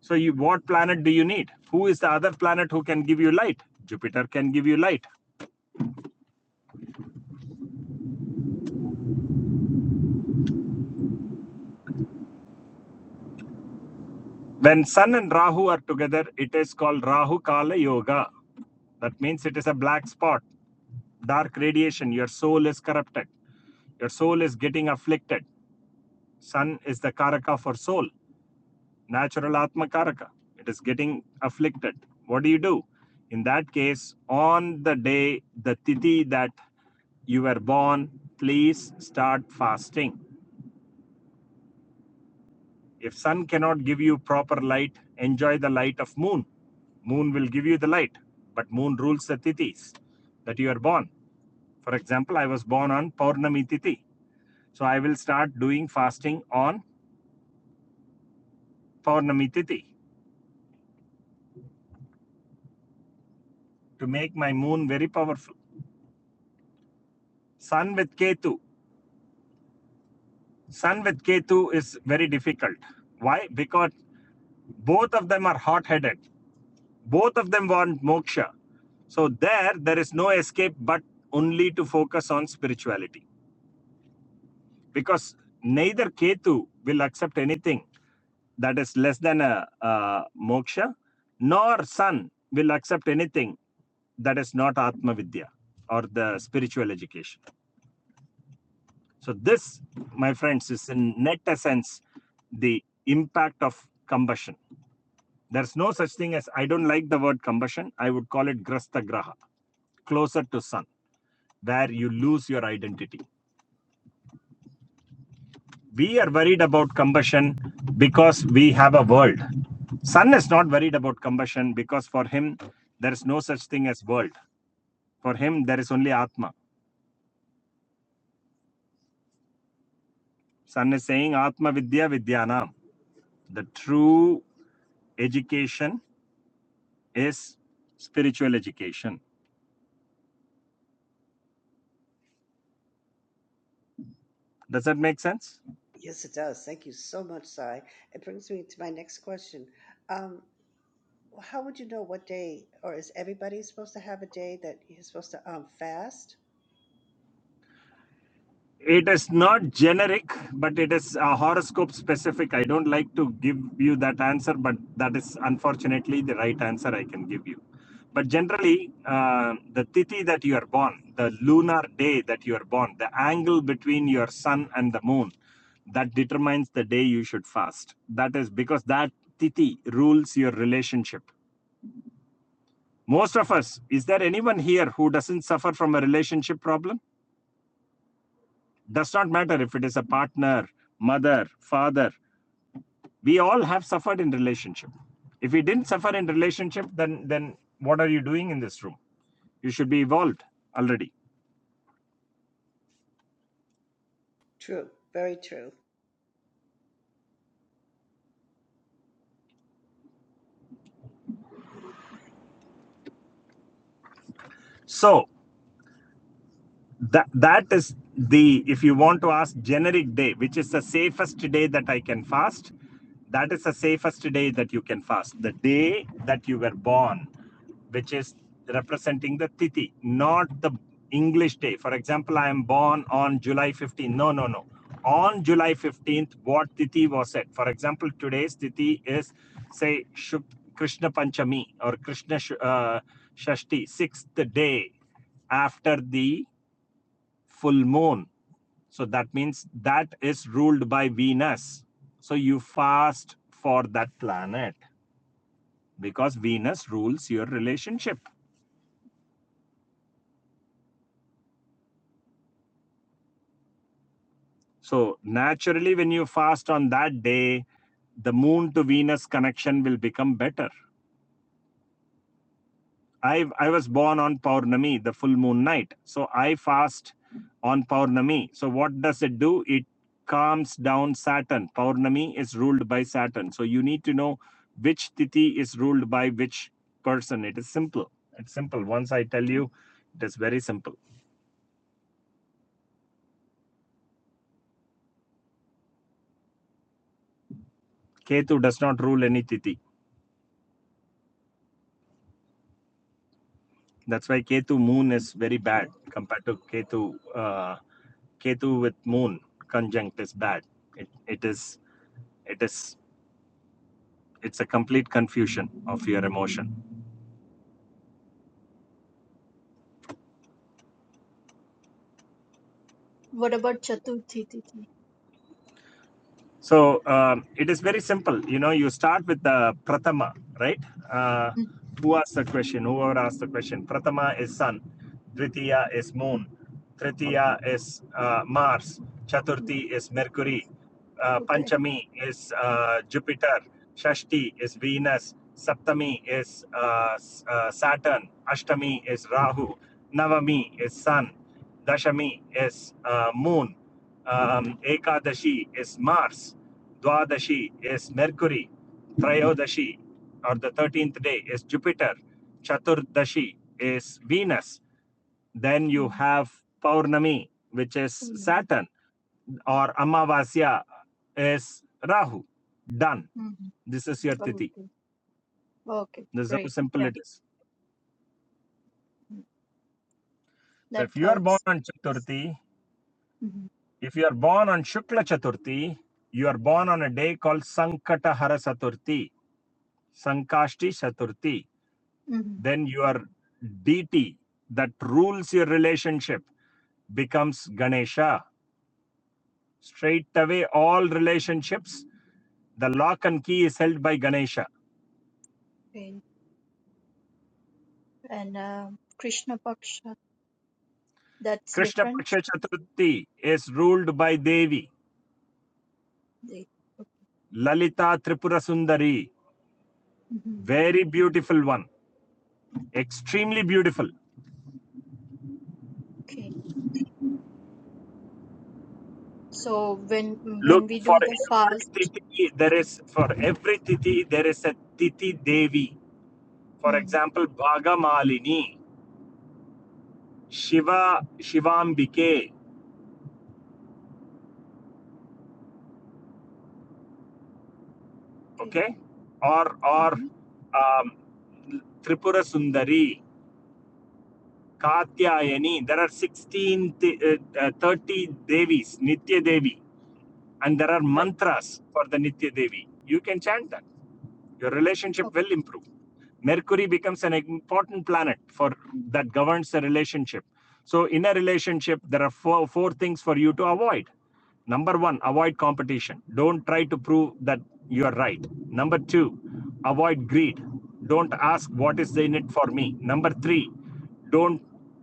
S5: So, you, what planet do you need? Who is the other planet who can give you light? Jupiter can give you light. When Sun and Rahu are together, it is called Rahu Kala Yoga. That means it is a black spot, dark radiation. Your soul is corrupted. Your soul is getting afflicted. Sun is the Karaka for soul, natural Atma Karaka. It is getting afflicted. What do you do? In that case, on the day, the tithi that you were born, please start fasting. If sun cannot give you proper light, enjoy the light of moon. Moon will give you the light, but moon rules the tithis that you are born. For example, I was born on Paurnami tithi, So I will start doing fasting on Paurnami tithi to make my moon very powerful. Sun with Ketu. Sun with Ketu is very difficult. Why? Because both of them are hot headed, both of them want moksha. So there, there is no escape but only to focus on spirituality. because neither Ketu will accept anything that is less than a, uh moksha, nor Sun will accept anything that is not Atma Vidya or the spiritual education. So, this, my friends, is in net essence the impact of combustion. There's no such thing as I don't like the word combustion, I would call it Grastha Graha, closer to Sun, where you lose your identity we are worried about combustion because we have a world. Sun is not worried about combustion because for him, there is no such thing as world. For him, there is only Atma. Sun is saying Atma Vidya Vidyanam. The true education is spiritual education. Does that make sense?
S2: Yes, it does. Thank you so much, Sai. It brings me to my next question. Um, Well, how would you know what day, or is everybody supposed to have a day that you're supposed to um fast?
S5: It is not generic, but it is uh, horoscope specific. I don't like to give you that answer, but that is unfortunately the right answer I can give you. But generally, uh, the tithi that you are born, the lunar day that you are born, the angle between your sun and the moon, that determines the day you should fast. That is because that tithi rules your relationship. Most of us, is there anyone here who doesn't suffer from a relationship problem? Does not matter if it is a partner, mother, father. We all have suffered in relationship. If we didn't suffer in relationship, then then what are you doing in this room? You should be evolved already.
S2: True, very true.
S5: So that that is the if you want to ask generic day which is the safest day that i can fast that is the safest day that you can fast the day that you were born which is representing the tithi not the english day for example i am born on july fifteenth. no no no on july 15th what tithi was said for example today's tithi is say Shuk- krishna panchami or krishna Sh- uh, shashti sixth day after the full moon. So that means that is ruled by Venus. So you fast for that planet because Venus rules your relationship. So naturally, when you fast on that day, the moon to Venus connection will become better. I I was born on Paurnami, the full moon night. So I fast on Paurnami. So what does it do? It calms down Saturn. Paurnami is ruled by Saturn. So you need to know which tithi is ruled by which person. It is simple. It's simple. Once I tell you, it is very simple. Ketu does not rule any tithi. That's why Ketu moon is very bad
S2: Okay.
S5: compared to Ketu. Uh, Ketu with moon conjunct is bad. It, it is it is it's a complete confusion of your emotion
S6: What about Chaturthi Tithi?
S5: so um, it is very simple you know you start with the pratama right uh,
S6: Mm,
S5: who asked the question whoever asked the question pratama is sun Dvitiya is moon.
S6: okay.
S5: Tritiya is uh, Mars.
S6: Mm,
S5: Chaturthi is Mercury. Uh,
S6: okay.
S5: Panchami is uh, Jupiter. Shashti is Venus. Saptami is uh, S- uh, Saturn. Ashtami is Rahu. Navami is Sun. Dashami is uh, Moon. um, Ekadashi is Mars, Dwadashi is Mercury, Trayodashi or the 13th day is Jupiter, Chaturdashi is Venus. Then you
S6: Mm,
S5: have Paurnami, which is
S6: mm,
S5: Saturn, or Amavasya is Rahu. Done.
S6: mm,
S5: This is your Tithi.
S6: okay. Okay.
S5: This is how
S6: Great.
S5: simple
S6: Yeah.
S5: it is.
S6: mm,
S5: So
S6: That
S5: if you are born
S6: helps.
S5: on Chaturthi,
S6: hmm
S5: if you are born on Shukla Chaturthi, you are born on a day called Sankatahara Chaturthi. Sankashti Chaturthi,
S6: hmm
S5: then your deity that rules your relationship becomes Ganesha. Straight away, all relationships, the lock and key is held by Ganesha.
S6: Okay. And uh, Krishna Paksha, that's
S5: Krishna
S6: different.
S5: Paksha Chaturthi is ruled by Devi,
S6: They,
S5: Lalita Tripura Sundari,
S6: Mhm.
S5: very beautiful one, extremely beautiful.
S6: Okay. So when when
S5: Look
S6: we
S5: for
S6: do the
S5: every
S6: fast.
S5: titi, there is for every titi there is a titi Devi. For
S6: Mm,
S5: example, Bhaga Malini. Shiva Shivambike,
S6: okay.
S5: okay, or or
S6: Uh-huh.
S5: um, Tripura Sundari, Katyayani. There are 16, th- uh, uh, 30 devis, Nitya Devi, and there are
S6: Right.
S5: mantras for the Nitya Devi. You can chant that. Your relationship
S6: Okay.
S5: will improve. Mercury becomes an important planet for that governs the relationship. So in a relationship, there are four, four things for you to avoid. Number one, avoid competition. Don't try to prove that you are right. Number two, avoid greed. Don't ask what
S6: Mhm.
S5: is in it for me. Number three, don't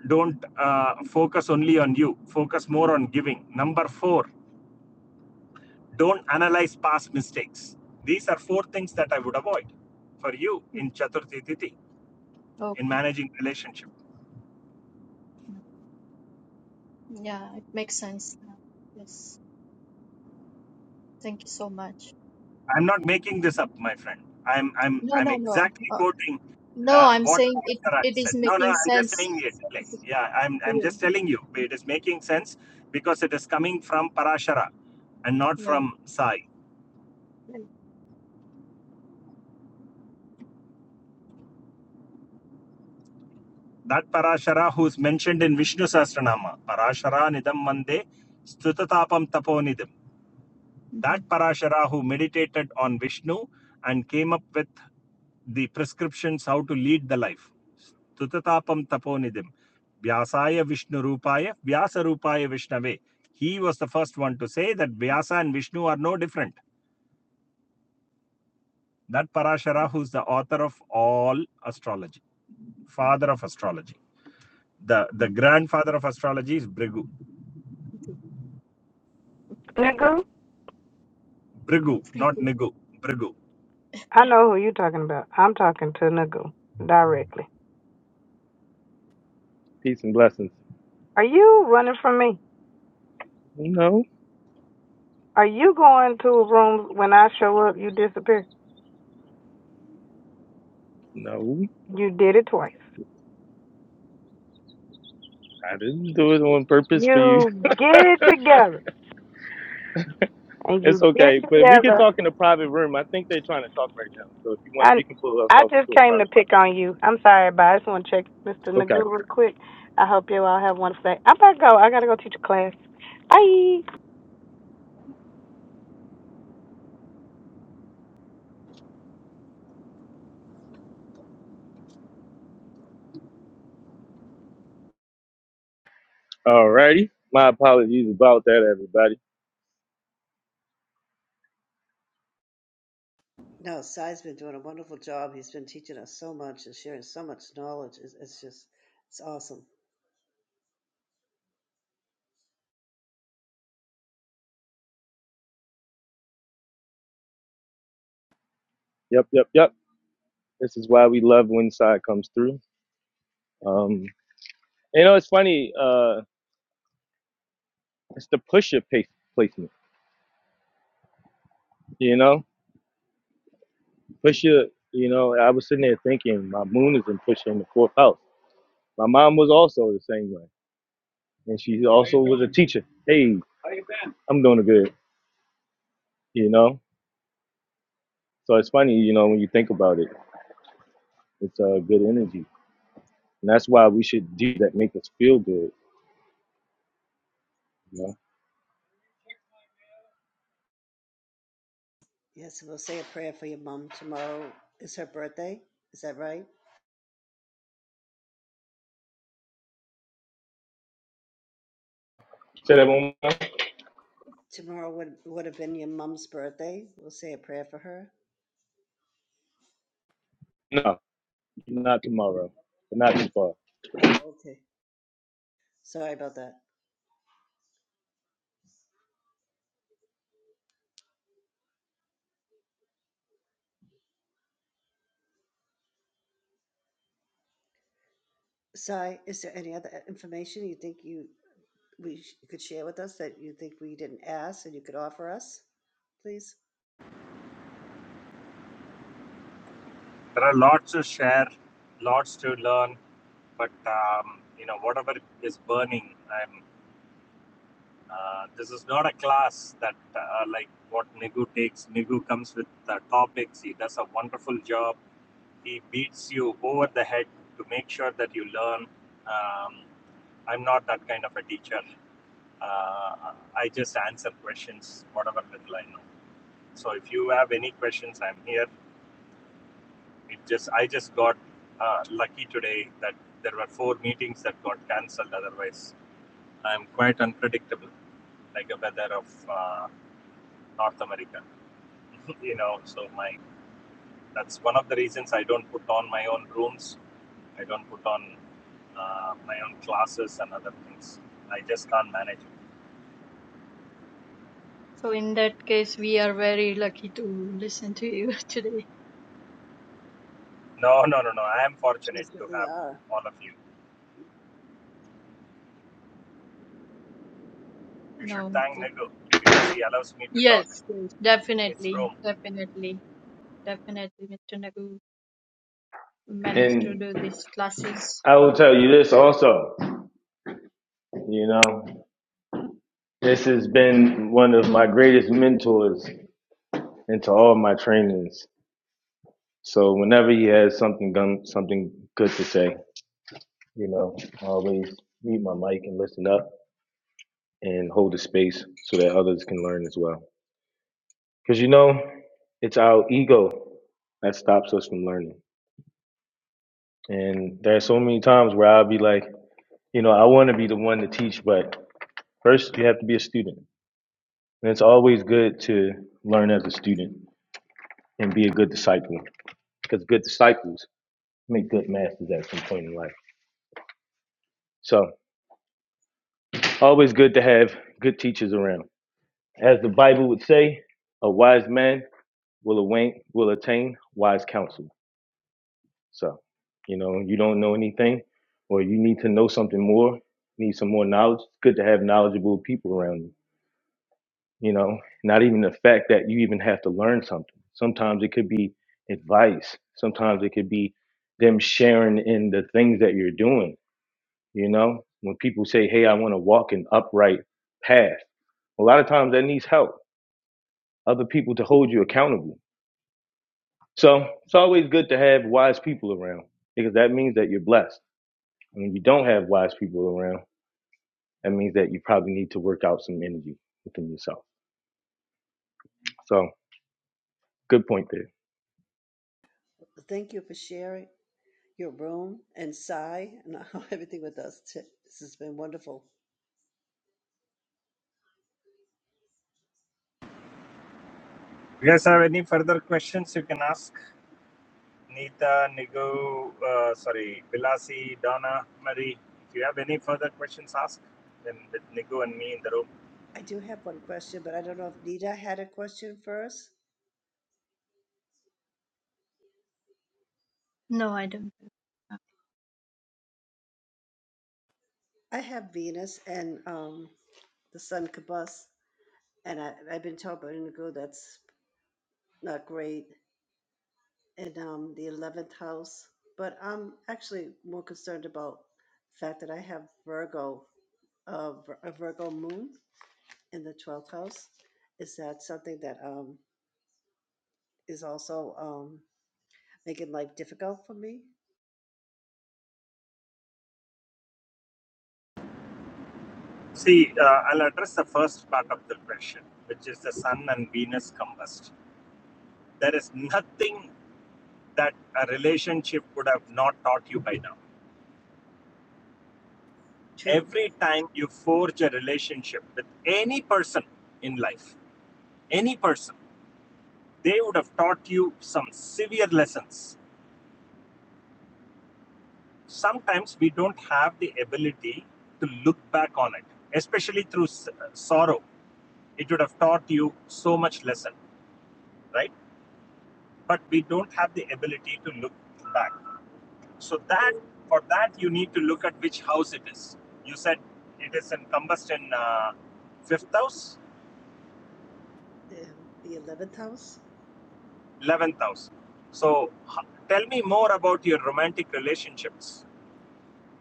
S5: don't uh, focus only on you. Focus more on giving. Number four, don't analyze past mistakes. These are four things that I would avoid for you
S6: Mm,
S5: in Chaturthi Titi, in
S6: Okay.
S5: managing relationship.
S6: Mm, Yeah, it makes sense now. Yes. Thank you so much.
S5: I'm not making this up, my friend. I'm I'm
S6: No,
S5: I'm
S6: no, no.
S5: exactly
S6: uh,
S5: quoting
S6: No,
S5: uh,
S6: I'm
S5: what
S6: saying it
S5: Parasaraj
S6: it is
S5: said. No, no,
S6: making
S5: I'm just saying
S6: sense
S5: it. Like, yeah, I'm
S6: to
S5: I'm just
S6: you.
S5: telling you it is making sense because it is coming from Parashara and not
S6: Right.
S5: from Sai.
S6: Right.
S5: That Parashara who's mentioned in Vishnu Sahasranama, Parashara Nidam Mande, Stutatapam Taponidam. That
S6: Mhm.
S5: Parashara who meditated on Vishnu and came up with the prescriptions how to lead the life. Tutatapam Taponidim. Vyasaya Vishnu Rupaya, Vyasa Rupaya Vishnave. He was the first one to say that Vyasa and Vishnu are no different. That Parashara, who's the author of all astrology, father of astrology. The, the
S6: Mm,
S5: grandfather of astrology is Brigu.
S6: Okay. Okay.
S11: Nigga,
S5: Brigu,
S6: Pretty
S5: not
S6: cool.
S5: Nigu, Brigu.
S11: I know who you're talking about. I'm talking to Nigga directly.
S1: Peace and blessings.
S11: Are you running from me?
S1: No,
S11: Are you going to a room when I show up? You disappear.
S1: no,
S11: You did it twice.
S1: I didn't do it on purpose for you.
S11: You get it together, and
S1: It's
S11: you get it
S1: okay, but we can
S11: together.
S1: talk in a private room. I think they're trying to talk right now, so if you want, we
S11: And
S1: can pull
S11: I
S1: ourselves
S11: just
S1: into a
S11: came to
S1: private room.
S11: pick on you. I'm sorry, everybody. I just want to check Mr.
S1: Okay,
S11: Nagoo real quick. I hope you all have a wonderful day. I'm about to go. I gotta go teach a class. Bye.
S1: alrighty. My apologies about that, everybody.
S2: No, Sai's been doing a wonderful job. He's been teaching us so much and sharing so much knowledge. It's, it's just, it's awesome.
S1: Yep, yep, yep. This is why we love when side comes through. Um, you know, it's funny. Uh, it's the pusher pa- placement. You know, pusher. You know, I was sitting there thinking my moon is in pusher in the fourth house. My mom was also the same way, and she also was a teacher. Hey, I'm doing good. You know, so it's funny. You know, when you think about it, it's a uh, good energy, and that's why we should do that. Make us feel good.
S2: Yes, we'll say a prayer for your mom tomorrow. Is her birthday? Is that right?
S1: Say that one more time.
S2: Tomorrow would would have been your mom's birthday. We'll say a prayer for her.
S1: No, not tomorrow, but not too far.
S2: Oh, okay. Sorry about that. Sai, is there any other information you think you we sh- you could share with us that you think we didn't ask and you could offer us, please?
S5: There are lots to share, lots to learn, but um, you know whatever is burning i'm uh, this is not a class that uh, like what nigu takes nigu comes with uh, topics he does a wonderful job he beats you over the head to make sure that you learn um, i'm not that kind of a teacher uh, i just answer questions whatever little i know so if you have any questions i'm here it just i just got uh, lucky today that there were four meetings that got cancelled otherwise I'm quite unpredictable, like the weather of uh, North America. you know, so my that's one of the reasons I don't put on my own rooms. I don't put on uh, my own classes and other things. I just can't manage it.
S6: So in that case, we are very lucky to listen to you today.
S5: No, no, no, no. I am
S2: You
S5: fortunate to
S2: certainly
S5: have
S2: are.
S5: all of you. You should
S6: No.
S5: thank
S6: but-
S5: Nagu because he allows me to talk.
S6: Yes. Yes.
S5: It's
S6: Definitely.
S5: room.
S6: Definitely. Definitely. Mr. Nagu managed to
S1: And
S6: do these classes.
S1: I will tell you this also. You know. This has been one of my greatest mentors into all my trainings. So whenever he has something gun, something good to say, you know, I always mute my mic and listen up and hold the space so that others can learn as well. Because you know, it's our ego that stops us from learning. And there are so many times where I'll be like, you know, I want to be the one to teach, but first you have to be a student. And it's always good to learn as a student and be a good disciple because good disciples make good masters at some point in life. So always good to have good teachers around. As the Bible would say, a wise man will awain, will attain wise counsel. So, you know, you don't know anything or you need to know something more, need some more knowledge. It's good to have knowledgeable people around you. You know, not even the fact that you even have to learn something. Sometimes it could be advice. Sometimes it could be them sharing in the things that you're doing You know, when people say, Hey, I want to walk an upright path, a lot of times that needs help, other people to hold you accountable. So it's always good to have wise people around because that means that you're blessed. And when you don't have wise people around, that means that you probably need to work out some energy within yourself. So good point there.
S2: Thank you for sharing your room and Sai and everything with us. t- This has been wonderful.
S5: You guys have any further questions you can ask? Nita, Nigu, uh, sorry, Bilasi, Donna, Marie. If you have any further questions, ask them with Nigu and me in the room.
S2: I do have one question, but I don't know if Nita had a question first.
S6: No, I don't.
S2: I have Venus and um, the sun combust, and I, I've been told by Indigo that's not great, and um, the 11th house. But I'm actually more concerned about the fact that I have Virgo of Vir- a Virgo moon in the 12th house. Is that something that um, is also um, making life difficult for me?
S5: See, uh, I'll address the first part of the question, which is the Sun and Venus combust. There is nothing that a relationship would have not taught you by now.
S2: True.
S5: Every time you forge a relationship with any person in life, any person, they would have taught you some severe lessons sometimes we don't have the ability to look back on it especially through sorrow it would have taught you so much lesson right but we don't have the ability to look back so that for that you need to look at which house it is you said it is encompassed in combustion uh, fifth house
S2: Um, the 11th house?
S5: 11th house so tell me more about your romantic relationships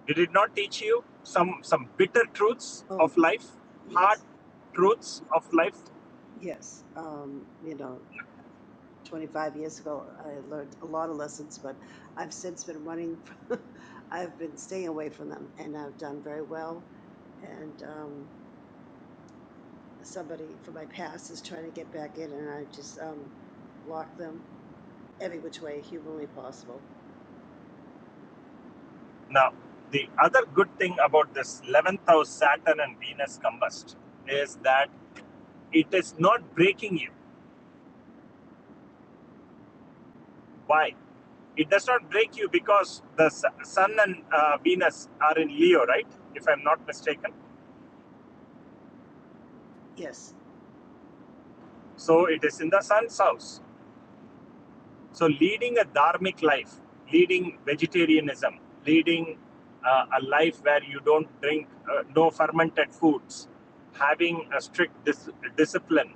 S5: did it not teach you some some bitter truths
S2: Oh,
S5: of life hard
S2: yes.
S5: truths of life
S2: Yes. Um, you know, 25 years ago, I learned a lot of lessons, but I've since been running, I've been staying away from them, and I've done very well. And um, somebody from my past is trying to get back in, and I just um, block them every which way humanly possible.
S5: Now, the other good thing about this 11th house Saturn and Venus combust is that it is not breaking you. Why? It does not break you because the Sun and uh, Venus are in Leo, right? If I'm not mistaken.
S2: Yes,
S5: So it is in the Sun's house. So leading a dharmic life, leading vegetarianism, leading uh, a life where you don't drink uh, no fermented foods, having a strict dis- discipline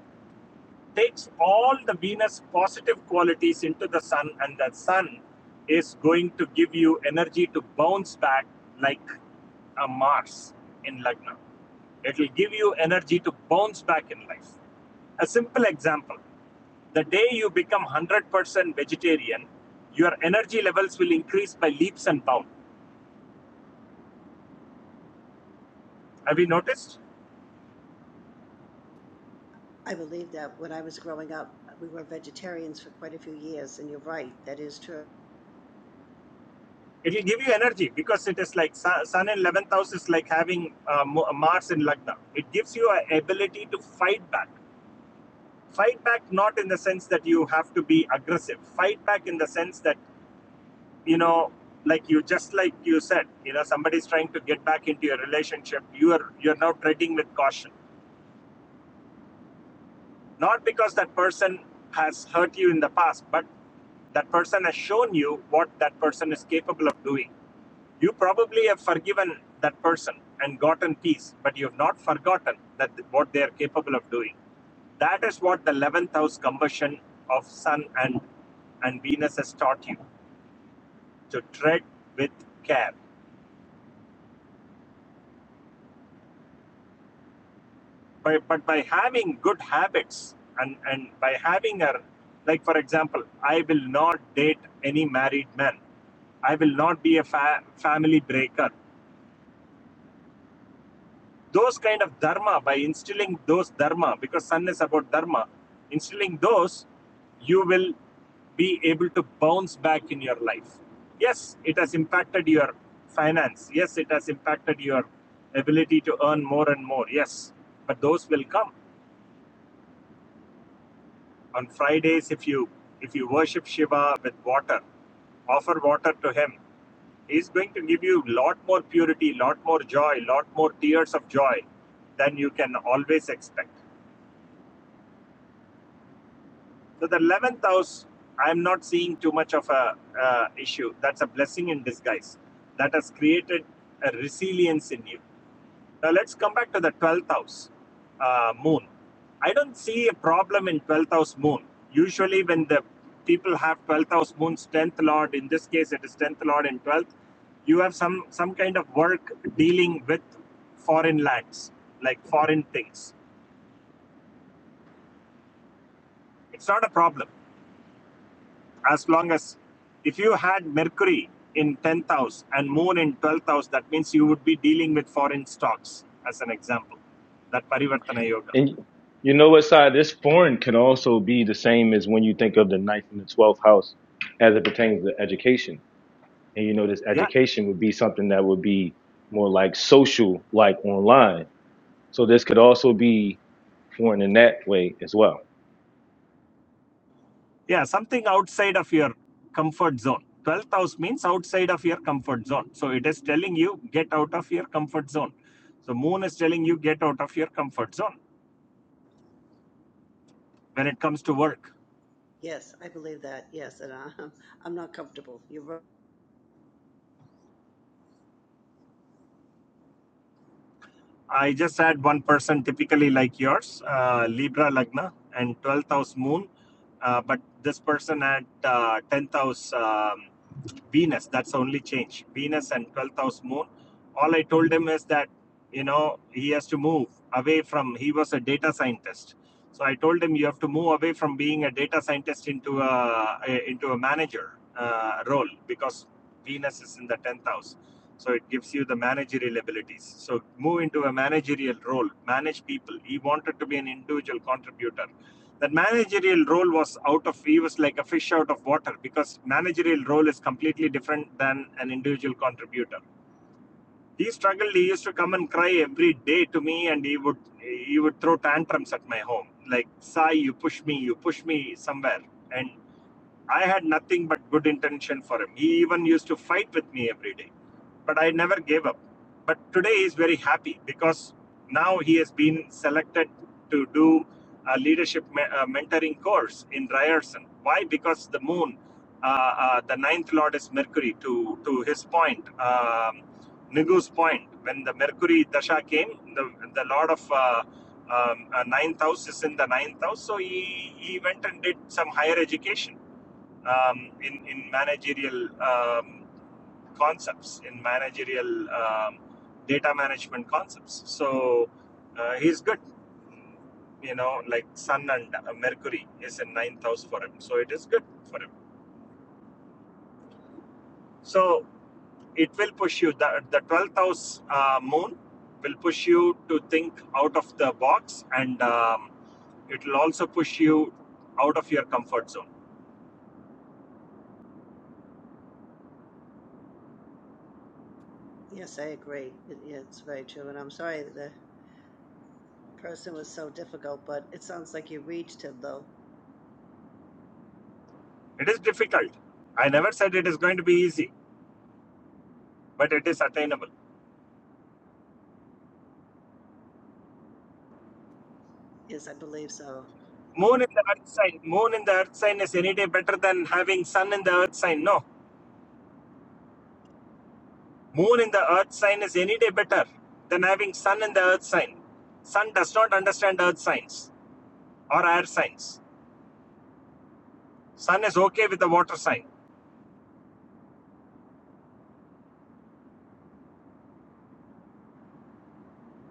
S5: takes all the Venus positive qualities into the sun, and the sun is going to give you energy to bounce back like a Mars in Lagna. It will give you energy to bounce back in life. A simple example the day you become 100% vegetarian, your energy levels will increase by leaps and bounds. Have you noticed?
S2: I believe that. When I was growing up, we were vegetarians for quite a few years, and you're right, that is true.
S5: It will give you energy because it is like Sun in 11th house is like having uh, Mars in Lagna. It gives you an ability to fight back. fight back not in the sense that you have to be aggressive fight back in the sense that you know like you just like you said you know somebody's trying to get back into your relationship you are you're now treading with caution not because that person has hurt you in the past but that person has shown you what that person is capable of doing you probably have forgiven that person and gotten peace but you have not forgotten that what they are capable of doing That is what the 11th house combustion of Sun and, and Venus has taught you to tread with care. But, but by having good habits and, and by having a, like for example, I will not date any married man, I will not be a fa- family breaker. those kind of dharma by instilling those dharma because sun is about dharma instilling those you will be able to bounce back in your life yes it has impacted your finance yes it has impacted your ability to earn more and more yes but those will come on fridays if you if you worship shiva with water offer water to him he's going to give you a lot more purity lot more joy lot more tears of joy than you can always expect So the 11th house, I'm not seeing too much of a uh, issue. That's a blessing in disguise that has created a resilience in you. Now let's come back to the 12th house uh, moon. I don't see a problem in 12th house moon. Usually, when the people have 12th house moon's 10th lord, in this case, it is 10th lord and 12th, you have some, some kind of work dealing with foreign lands, like foreign things. It's not a problem as long as if you had mercury in 10th house and moon in 12th house that means you would be dealing with foreign stocks as an example that parivartana yoga
S1: And you know what, side this foreign can also be the same as when you think of the ninth and the twelfth house as it pertains to education and you know this
S5: yeah
S1: education would be something that would be more like social like online so this could also be foreign in that way as well
S5: yeah something outside of your comfort zone 12th house means outside of your comfort zone so it is telling you get out of your comfort zone so moon is telling you get out of your comfort zone when it comes to work
S2: Yes, I believe that. Yes, and I'm, I'm not comfortable. You're right.
S5: I just had one person typically like yours, uh, Libra Lagna and 12th house moon. Uh, but this person had uh, 10th house um, just Venus. That's the only change. Venus and 12th house moon. All I told him is that, you know, he has to move away from, he was a data scientist. So I told him you have to move away from being a data scientist into a, a- into a manager uh, role because Venus is in the 10th house. So it gives you the managerial abilities. So move into a managerial role, manage people. He wanted to be an individual contributor that managerial role was out of he was like a fish out of water because managerial role is completely different than an individual contributor he struggled he used to come and cry every day to me and he would he would throw tantrums at my home like sai you push me you push me somewhere and I had nothing but good intention for him. He even used to fight with me every day, but I never gave up. But today he's very happy because now he has been selected to do a leadership me- uh, mentoring course in Ryerson. Why? Because the moon, uh, uh, the ninth lord is Mercury. To to his point, um, Nigu's point, when the Mercury dasha came, the the lord of uh, um, uh, ninth house is in the ninth house, so he he went and did some higher education um, in in managerial um, concepts, in managerial um, data management concepts. So uh, he's good. You know, like Sun and uh, Mercury is in ninth house for him, so it is good for him. So it will push you. The the twelfth house uh, moon will push you to think out of the box, and um, it will also push you out of your comfort zone.
S2: Yes, I agree. It, yeah, it's very true. And I'm sorry that the person was so difficult, but it sounds like you reached him, though.
S5: It is difficult. I never said it is going to be easy, but it is attainable
S2: Yes, I believe so.
S5: Moon in the earth sign. Moon in the earth sign is any day better than having sun in the earth sign. No. Moon in the earth sign is any day better than having sun in the earth sign. Sun does not understand earth signs or air signs. Sun is okay with the water sign.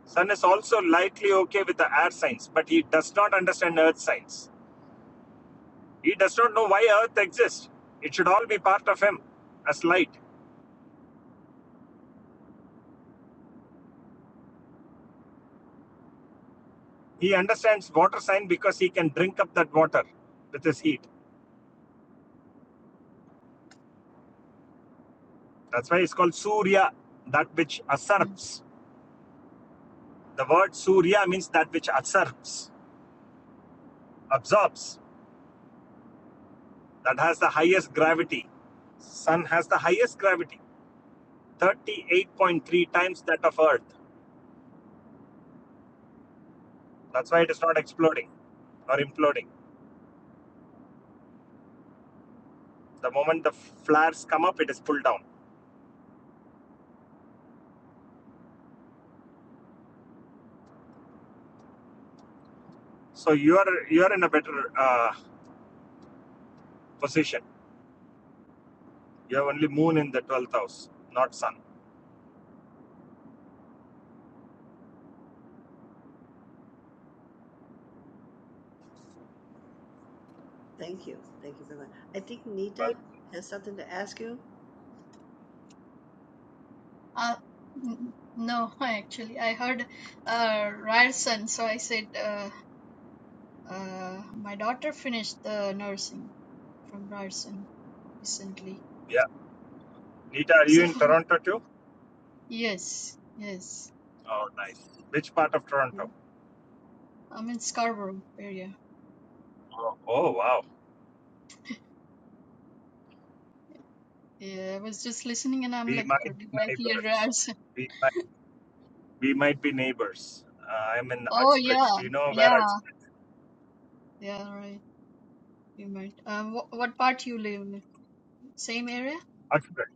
S5: Sun is also lightly okay with the air signs, but he does not understand earth signs. He does not know why earth exists. It should all be part of him as light. He understands water sign because he can drink up that water with his heat That's why it's called Surya, that which
S6: Mm.
S5: usurps. The word Surya means that which usurps, absorbs, that has the highest gravity. Sun has the highest gravity, 38.3 times that of Earth. That's why it is not exploding or imploding. The moment the flares come up, it is pulled down. So you are you are in a better uh, position. You have only Moon in the twelfth house, not Sun.
S2: Thank you. Thank you very much. I think Nita
S5: Well,
S2: has something to ask you.
S6: Uh, n- no, actually, I heard uh, Ryerson, so I said uh, uh, my daughter finished the nursing. from Ryerson recently.
S5: yeah. Nita, are you
S6: So
S5: in Toronto too?
S6: yes, yes.
S5: Oh, nice. Which part of
S6: Yeah.
S5: Toronto?
S6: I'm in Scarborough area.
S5: Oh, oh wow.
S6: Yeah, I was just listening and I'm
S5: We
S6: like,
S5: might
S6: "Oh, did
S5: be
S6: I hear
S5: neighbors.
S6: Ryerson?
S5: We might, we might be neighbors. Uh, I'm in
S6: Oh yeah,
S5: Uxbridge. Do you know where
S6: yeah,
S5: Uxbridge?
S6: yeah, right. You might. Um, wh what part you live in? Same area?
S5: Uxbridge.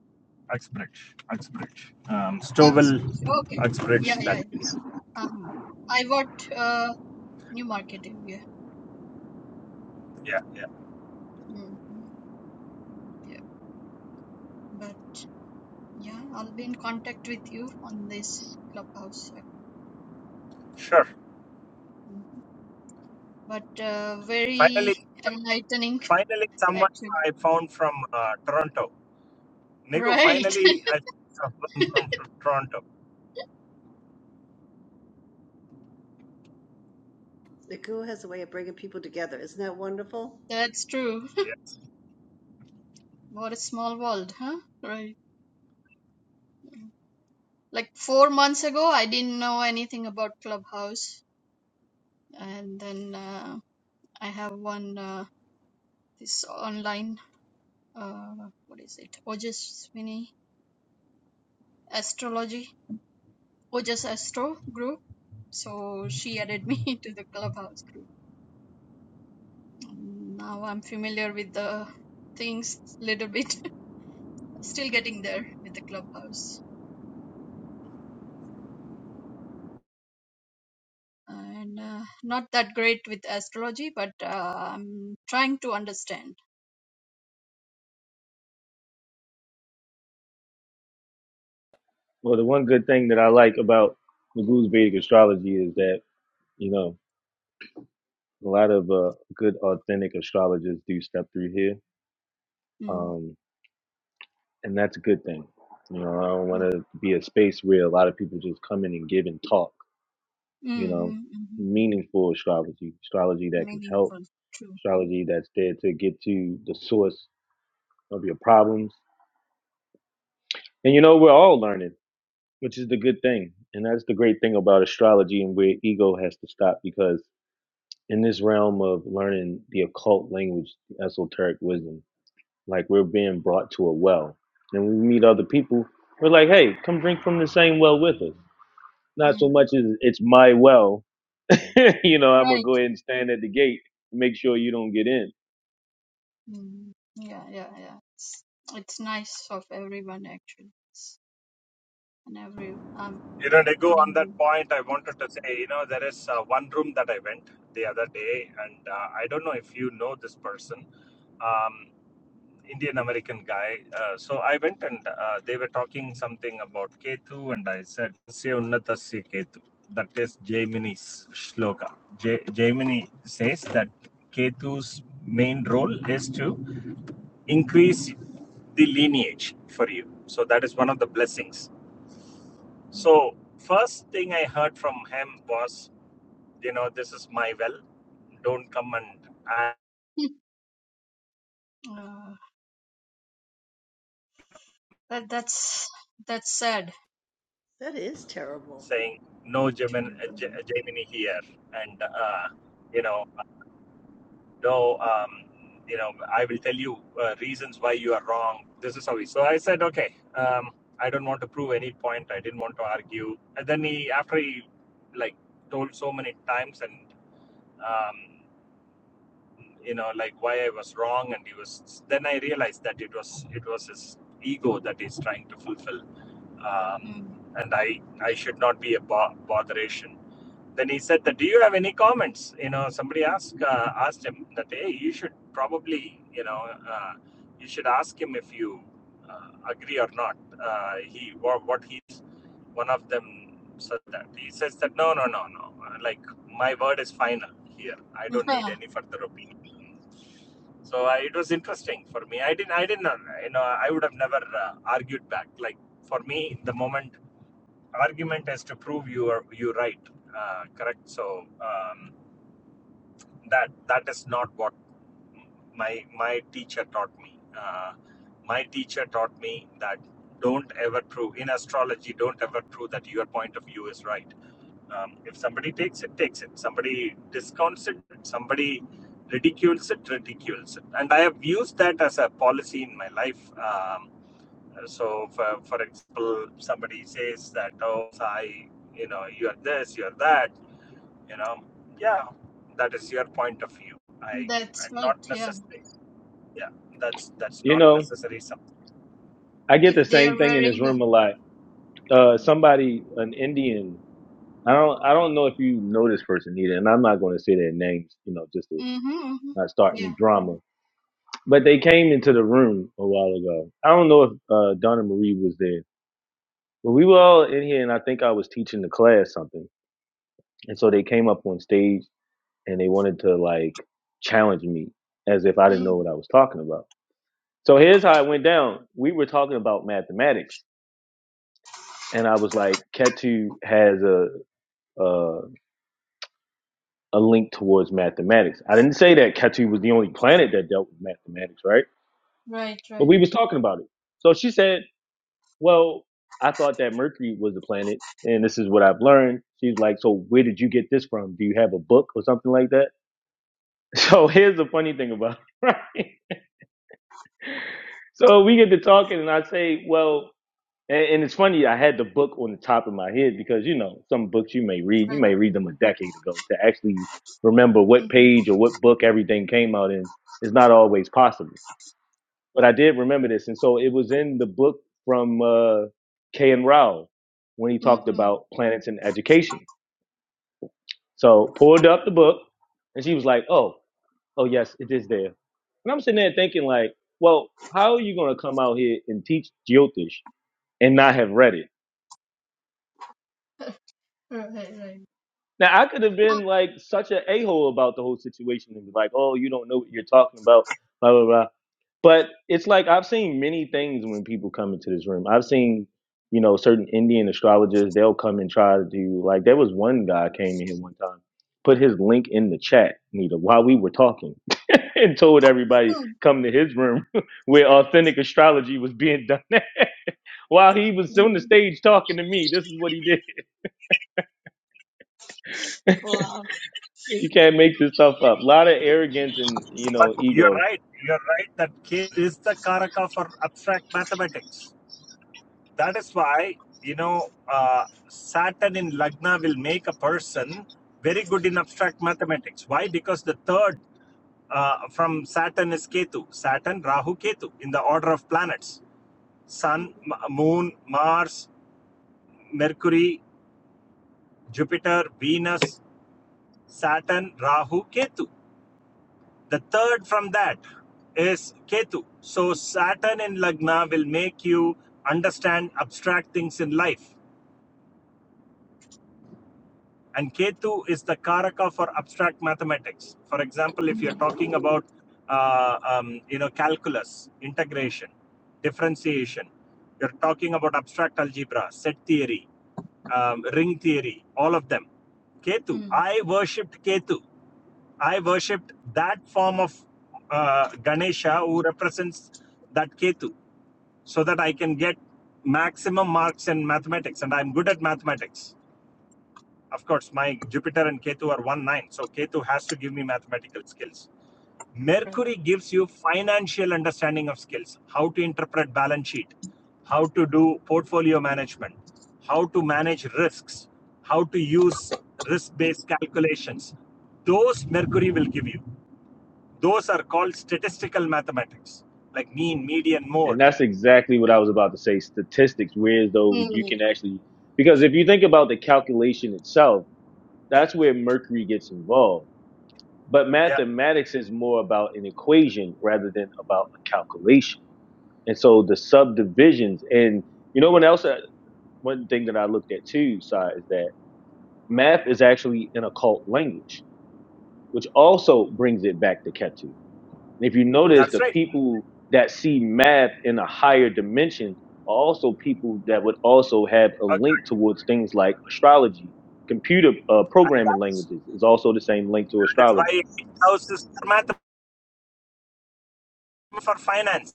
S5: Uxbridge. Uxbridge. Um, Stowell,
S6: Uxbridge. Okay.
S5: Uxbridge.
S6: Yeah,
S5: That
S6: yeah.
S5: is.
S6: yeah. Uh-huh. I worked uh Newmarket area.
S5: Yeah, yeah.
S6: Mm-hmm. Yeah. But yeah, I'll be in contact with you on this clubhouse app.
S5: Sure.
S6: Mm-hmm. but uh,
S5: Finally,
S6: very
S5: um,
S6: enlightening,
S5: finally, someone
S6: actually.
S5: I found from uh, Toronto. Nigu,
S6: Right,
S5: finally, I found someone from, from Toronto.
S2: The goo has a way of bringing people together. Isn't that wonderful?
S6: that's true.
S5: Yes.
S6: What a small world, huh? Right. Like four months ago, I didn't know anything about Clubhouse, and then uh, I have one uh, this online uh, what is it? Ojaswini Astrology, Ojas Astro group. So she added me to the Clubhouse group. Now I'm familiar with the things little bit. Still getting there with the clubhouse. And uh, not that great with astrology, but uh, I'm trying to understand.
S1: well the one good thing that i like about Magoo's vedic astrology is that you know a lot of uh, good authentic astrologers do step through here
S6: Mm.
S1: um, and that's a good thing you know i don't want to be a space where a lot of people just come in and give and talk
S6: Mm-hmm,
S1: you know
S6: mm-hmm.
S1: meaningful astrology astrology that can help
S6: Meaningful, true.
S1: astrology that's there to get to the source of your problems. And you know, we're all learning, which is the good thing. And that's the great thing about astrology and where ego has to stop because in this realm of learning the occult language, esoteric wisdom, like we're being brought to a well. And when we meet other people, we're like, hey, come drink from the same well with us. Not so much
S6: Mm-hmm.
S1: as it's my well. you know, I'm going to
S6: Right.
S1: go ahead and stand at the gate and make sure you don't get in.
S6: Mm. Yeah, yeah, yeah. It's, it's nice of everyone, actually. It's- And every, um,
S5: You know, Nigu, on
S6: including you.
S5: that point, I wanted to say, you know, there is uh, one room that I went the other day, and uh, I don't know if you know this person. Um, Indian American guy. Uh, so I went and uh, they were talking something about Ketu, and I said, "Tasya Unnatasya Ketu. That is Jaimini's shloka. Ja- Jaimini says that Ketu's main role is to increase the lineage for you. So that is one of the blessings. So, first thing I heard from him was, you know, this is my well. Don't come and
S6: Uh, that that's that's sad.
S2: That is terrible.
S5: saying no Gemini,
S6: Terrible.
S5: Gemini here, and uh, you know, no, um, you know, I will tell you uh, reasons why you are wrong. This is how he. So I said, okay, um, I don't want to prove any point. I didn't want to argue. And then he, after he, like, told so many times, and um, you know, like why I was wrong, and he was. Then I realized that it was it was his ego that he's trying to fulfill. Um,
S6: Mm.
S5: and I, I should not be a bo- botheration then he said that do you have any comments you know somebody asked uh, asked him that hey you should probably you know uh, you should ask him if you uh, agree or not uh, he what, he's one of them said that he says that no no no no uh, like my word is final here i don't need any further opinion so I, it was interesting for me i didn't i didn't uh, you know i would have never uh, argued back like for me the moment argument is to prove you are you right uh, correct so um, that that is not what my my teacher taught me uh, my teacher taught me that don't ever prove in astrology don't ever prove that your point of view is right um, if somebody takes it takes it somebody discounts it somebody ridicules it ridicules it and i have used that as a policy in my life um, so, for, for example, somebody says that, oh, Sai, you know, you're this, you're that, you know, yeah, that is your point of view. I,
S6: that's
S5: I not
S6: right. Yeah.
S5: necessarily, Yeah, that's that's
S1: You
S5: not
S1: know,
S5: necessary something.
S1: I get
S6: If
S1: the
S6: they
S1: same
S6: are
S1: thing in this
S6: wearing,
S1: room a lot. Uh,
S6: yeah.
S1: somebody, an Indian I don't I don't know if you know this person either, and I'm not going to say their names, you know, just to
S6: Mm-hmm, mm-hmm.
S1: not start any
S6: Yeah.
S1: drama. But they came into the room a while ago. I don't know if uh, Donna Marie was there, but we were all in here, and I think I was teaching the class something, and so they came up on stage and they wanted to like challenge me as if I didn't know
S6: Mm.
S1: what I was talking about. So here's how it went down. We were talking about mathematics, and I was like, Ketu has a, a a link towards mathematics. I didn't say that Ketu was the only planet that dealt with mathematics, right?
S6: Right,
S1: But
S6: right,
S1: we was talking about it. So she said, "Well, I thought that Mercury was the planet, and this is what I've learned." She's like, "So where did you get this from? Do you have a book or something like that?" So here's the funny thing about it, right? So we get to talking, and I say, "Well." And, and it's funny, I had the book on the top of my head because you know some books you may read, you
S6: right.
S1: may read them a decade ago to actually remember what
S6: Mm-hmm.
S1: page or what book everything came out in is not always possible. But I did remember this, and so it was in the book from uh, K. and Rao when he talked
S6: Mm-hmm.
S1: about planets and education. So pulled up the book, and she was like, "Oh, oh yes, it is there." And I'm sitting there thinking, like, well, how are you going to come out here and teach Jyotish and not have read it?
S6: Right, right.
S1: Now I could have
S6: Oh,
S1: been like such an a hole about the whole situation and be like, "Oh, you don't know what you're talking about," blah blah blah. But it's like I've seen many things when people come into this room. I've seen, you know, certain Indian astrologers. They'll come and try to do like there was one guy came in here one time, put his link in the chat, Nita, while we were talking, and told everybody
S6: mm.
S1: come to his room where authentic astrology was being done while he was on the
S6: Mm.
S1: stage talking to me. This is what he did.
S6: Wow.
S1: You can't make this stuff up. A lot of arrogance and you
S5: But
S1: know
S5: you're
S1: ego,
S5: right. You're right that K is the Karaka for abstract mathematics. That is why, you know, uh, Saturn in Lagna will make a person very good in abstract mathematics. Why? Because the third uh, from Saturn is Ketu. Saturn, Rahu, Ketu in the order of planets. Sun, Moon, Mars, Mercury, Jupiter, Venus, Saturn, Rahu, Ketu. The third from that is Ketu. So Saturn in Lagna will make you understand abstract things in life. And Ketu is the Karaka for abstract mathematics. For example, if
S6: Mm-hmm.
S5: you're talking about uh, um, you know calculus, integration, differentiation, you're talking about abstract algebra, set theory, um, ring theory, all of them. Ketu,
S6: Mm.
S5: I worshipped Ketu. I worshipped that form of uh, Ganesha who represents that Ketu so that I can get maximum marks in mathematics. And I'm good at mathematics. Of course, my Jupiter and Ketu are one nine, so Ketu has to give me mathematical skills.
S6: Right.
S5: Mercury gives you financial understanding of skills, how to interpret balance sheet, how to do portfolio management, how to manage risks, how to use risk-based calculations. Those Mercury will give you. Those are called statistical mathematics, like mean, median,
S1: and
S5: mode.
S1: that's exactly what I was about to say. Statistics, where though you
S6: Mm.
S1: can actually, because if you think about the calculation itself, that's where Mercury gets involved. But
S5: Yeah,
S1: mathematics is more about an equation rather than about a calculation. And so the subdivisions, and you know what else? uh, One thing that I looked at too, side is that math is actually an occult language, which also brings it back to Ketu And if you notice,
S5: that's
S1: the
S5: right.
S1: people that see math in a higher dimension are also people that would also have a
S5: Okay.
S1: link towards things like astrology. Computer uh,
S5: And
S1: programming
S5: that's,
S1: languages is also the same link to
S5: that's
S1: astrology.
S5: why houses are mathematics for finance.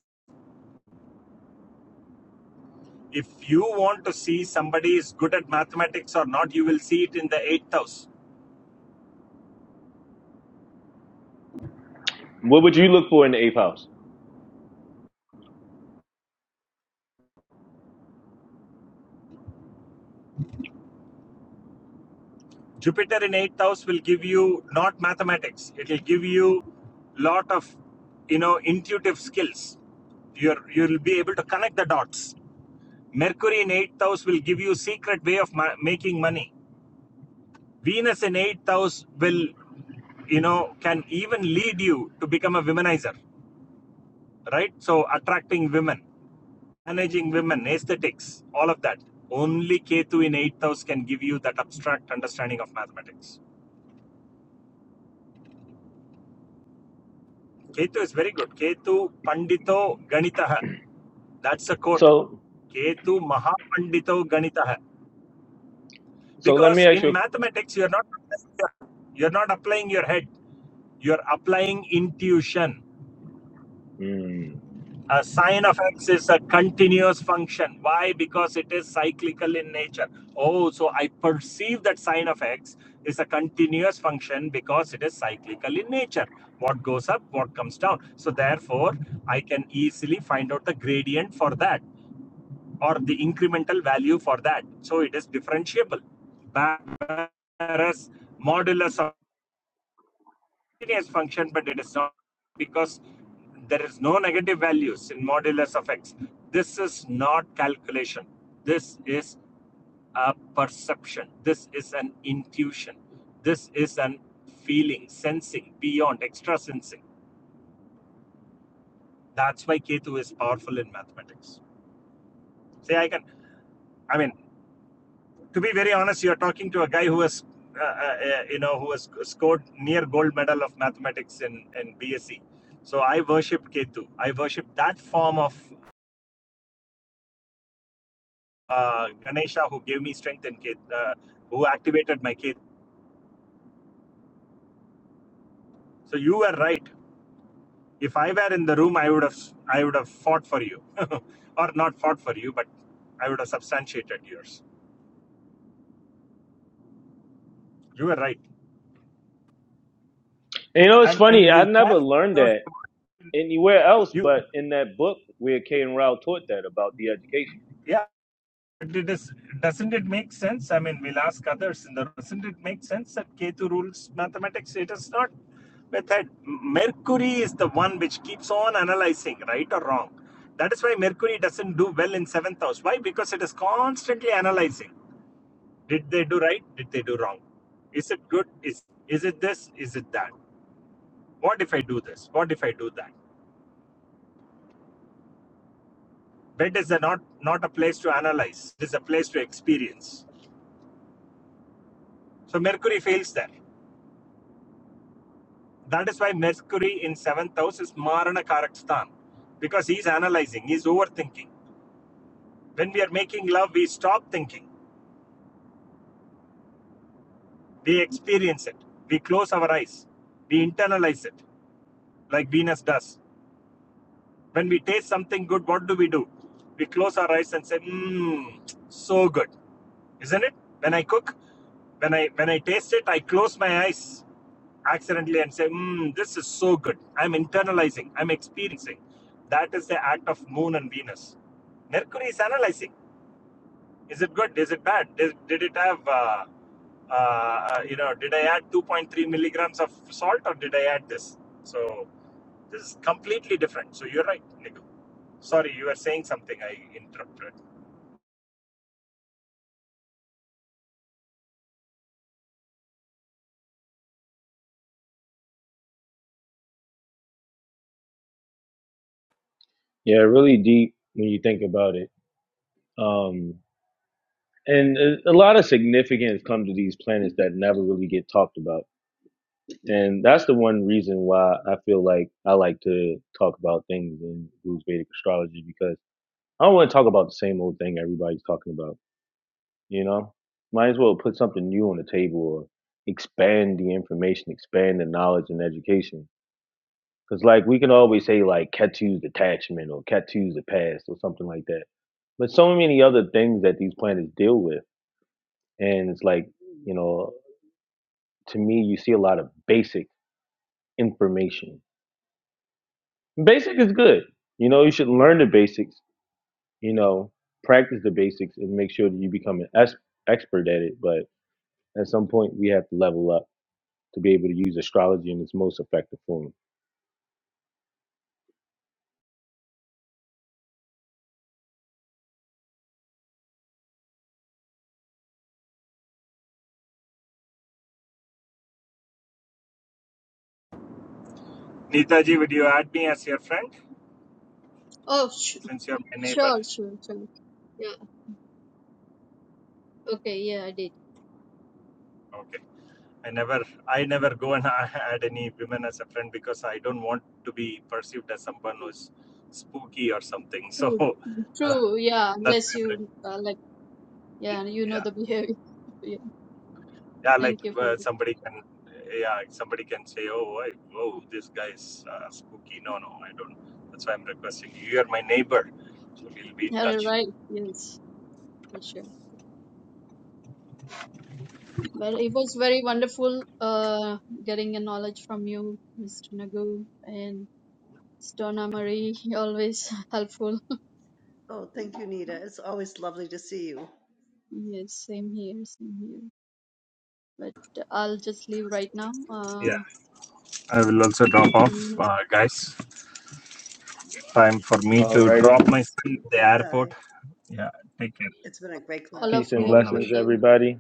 S5: If you want to see somebody is good at mathematics or not, you will see it in the eighth house.
S1: What would you look for in the eighth house?
S5: Jupiter in eighth house will give you not mathematics. It will give you lot of you know intuitive skills. You're you'll be able to connect the dots. Mercury in eighth house will give you secret way of ma- making money. Venus in eighth house will you know can even lead you to become a womanizer, right? So attracting women. managing women, aesthetics, all of that. Only Ketu in 8th house can give you that abstract understanding of mathematics. Ketu is very good. Ketu Pandito Ganitaha. That's a quote.
S1: So,
S5: Ketu Mahapandito Ganitaha.
S1: so let me
S5: Because
S1: ask
S5: in
S1: you.
S5: mathematics, you're not you're not applying your head. You're applying intuition.
S1: Mm.
S5: a sine of x is a continuous function. Why? Because it is cyclical in nature. Oh, so I perceive that sine of x is a continuous function because it is cyclical in nature. What goes up, what comes down. So therefore, I can easily find out the gradient for that or the incremental value for that. So it is differentiable. Whereas modulus of as function, but it is not because there is no negative values in modulus of x. This is not calculation. This is a perception. This is an intuition. This is an feeling, sensing beyond extra sensing. That's why Ketu is powerful in mathematics. See, I can. I mean, to be very honest, you're talking to a guy who has, uh, uh, uh, you know, who has scored near gold medal of mathematics in, in BSc. So I worship Ketu. I worship that form of uh, Ganesha who gave me strength and Ket, uh, who activated my Ketu. So you were right. If I were in the room, I would have, I would have fought for you, or not fought for you, but I would have substantiated yours. You were right,
S1: And you know, it's
S5: and and
S1: funny. I
S5: you
S1: never
S5: carefully
S1: learned
S5: chose
S1: that anywhere else,
S5: you.
S1: but in that book where K and Rao taught that about the education.
S5: Yeah, But it is, doesn't it make sense? I mean, we'll ask others in the doesn't it make sense that Ketu rules mathematics? It is not method. Mercury is the one which keeps on analyzing, right or wrong. That is why Mercury doesn't do well in seventh house. Why? Because it is constantly analyzing. Did they do right? Did they do wrong? Is it good? Is is it this? Is it that? What if I do this? What if I do that? Bed is a not not a place to analyze. It is a place to experience. So Mercury fails there. That is why Mercury in seventh house is Marana Karakstan because he's analyzing, he's overthinking. When we are making love, we stop thinking, we experience it, we close our eyes, we internalize it like Venus does. When we taste something good, what do we do? We close our eyes and say, Mmm, so good. isn't it? When I cook, when I when I taste it, I close my eyes accidentally and say, mm, "This is so good." I'm internalizing. I'm experiencing. That is the act of Moon and Venus. Mercury is analyzing. Is it good? Is it bad? Did, did it have uh, uh, uh, you know? Did I add 2.3 milligrams of salt or did I add this? So this is completely different. So you're right, Niku. Sorry, you were saying something. I interrupted.
S1: Yeah, really deep when you think about it. Um, And a a lot of significance comes to these planets that never really get talked about. And that's the one reason why I feel like I like to talk about things in Blues Vedic astrology because I don't want to talk about the same old thing everybody's talking about, you know? Might as well put something new on the table or expand the information, expand the knowledge and education. Because, like, we can always say, like, Ketu's detachment or Ketu's the past or something like that. But so many other things that these planets deal with. And it's like, you know, to me, you see a lot of basic information. Basic is good. You know, you should learn the basics, you know, practice the basics and make sure that you become an es- expert at it. But at some point, we have to level up to be able to use astrology in its most effective form.
S5: Neetaji, would you add me as your friend?
S6: Oh, sh-
S5: since you're my neighbor
S6: sure, sure, sure. Yeah. Okay. Yeah, I did.
S5: okay i never i never go and add any women as a friend because i don't want to be perceived as someone who's spooky or something so
S6: True.
S5: uh,
S6: True. Yeah.
S5: that's
S6: Unless
S5: my
S6: you uh, like, yeah, you know
S5: yeah
S6: the behavior. yeah.
S5: yeah like
S6: Thank you for
S5: uh,
S6: it.
S5: somebody can yeah somebody can say oh I, oh this guy is uh, spooky no no i don't that's why i'm requesting you you're my neighbor so we'll be in
S6: Yeah.
S5: touch
S6: Right. Yes. For sure. Well, it was very wonderful uh, getting a knowledge from you, Mr. Nagu, and Donna Marie, always helpful.
S2: Oh, thank you, Nita. It's always lovely to see you.
S6: Yes, same here, same here. But I'll just leave right now. Uh,
S5: yeah i will also drop off
S6: and
S5: uh, guys time for me to drop
S1: Alrighty.
S5: my son at the
S2: Bye.
S5: airport yeah take care
S2: It's been a great club.
S6: all of
S1: Peace and
S6: you have
S5: Om
S6: a great
S1: blessings,
S6: day.
S5: Namaskar.
S1: everybody.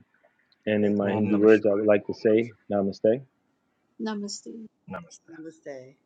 S1: And in
S2: Thank
S1: my
S2: you,
S5: Om
S1: Hindi
S2: Boo.
S1: words, I would
S5: Namaskar.
S1: like to
S5: Om
S1: say
S5: Namaskar.
S1: namaste.
S6: Namaste.
S5: Namaste.
S2: Namaste.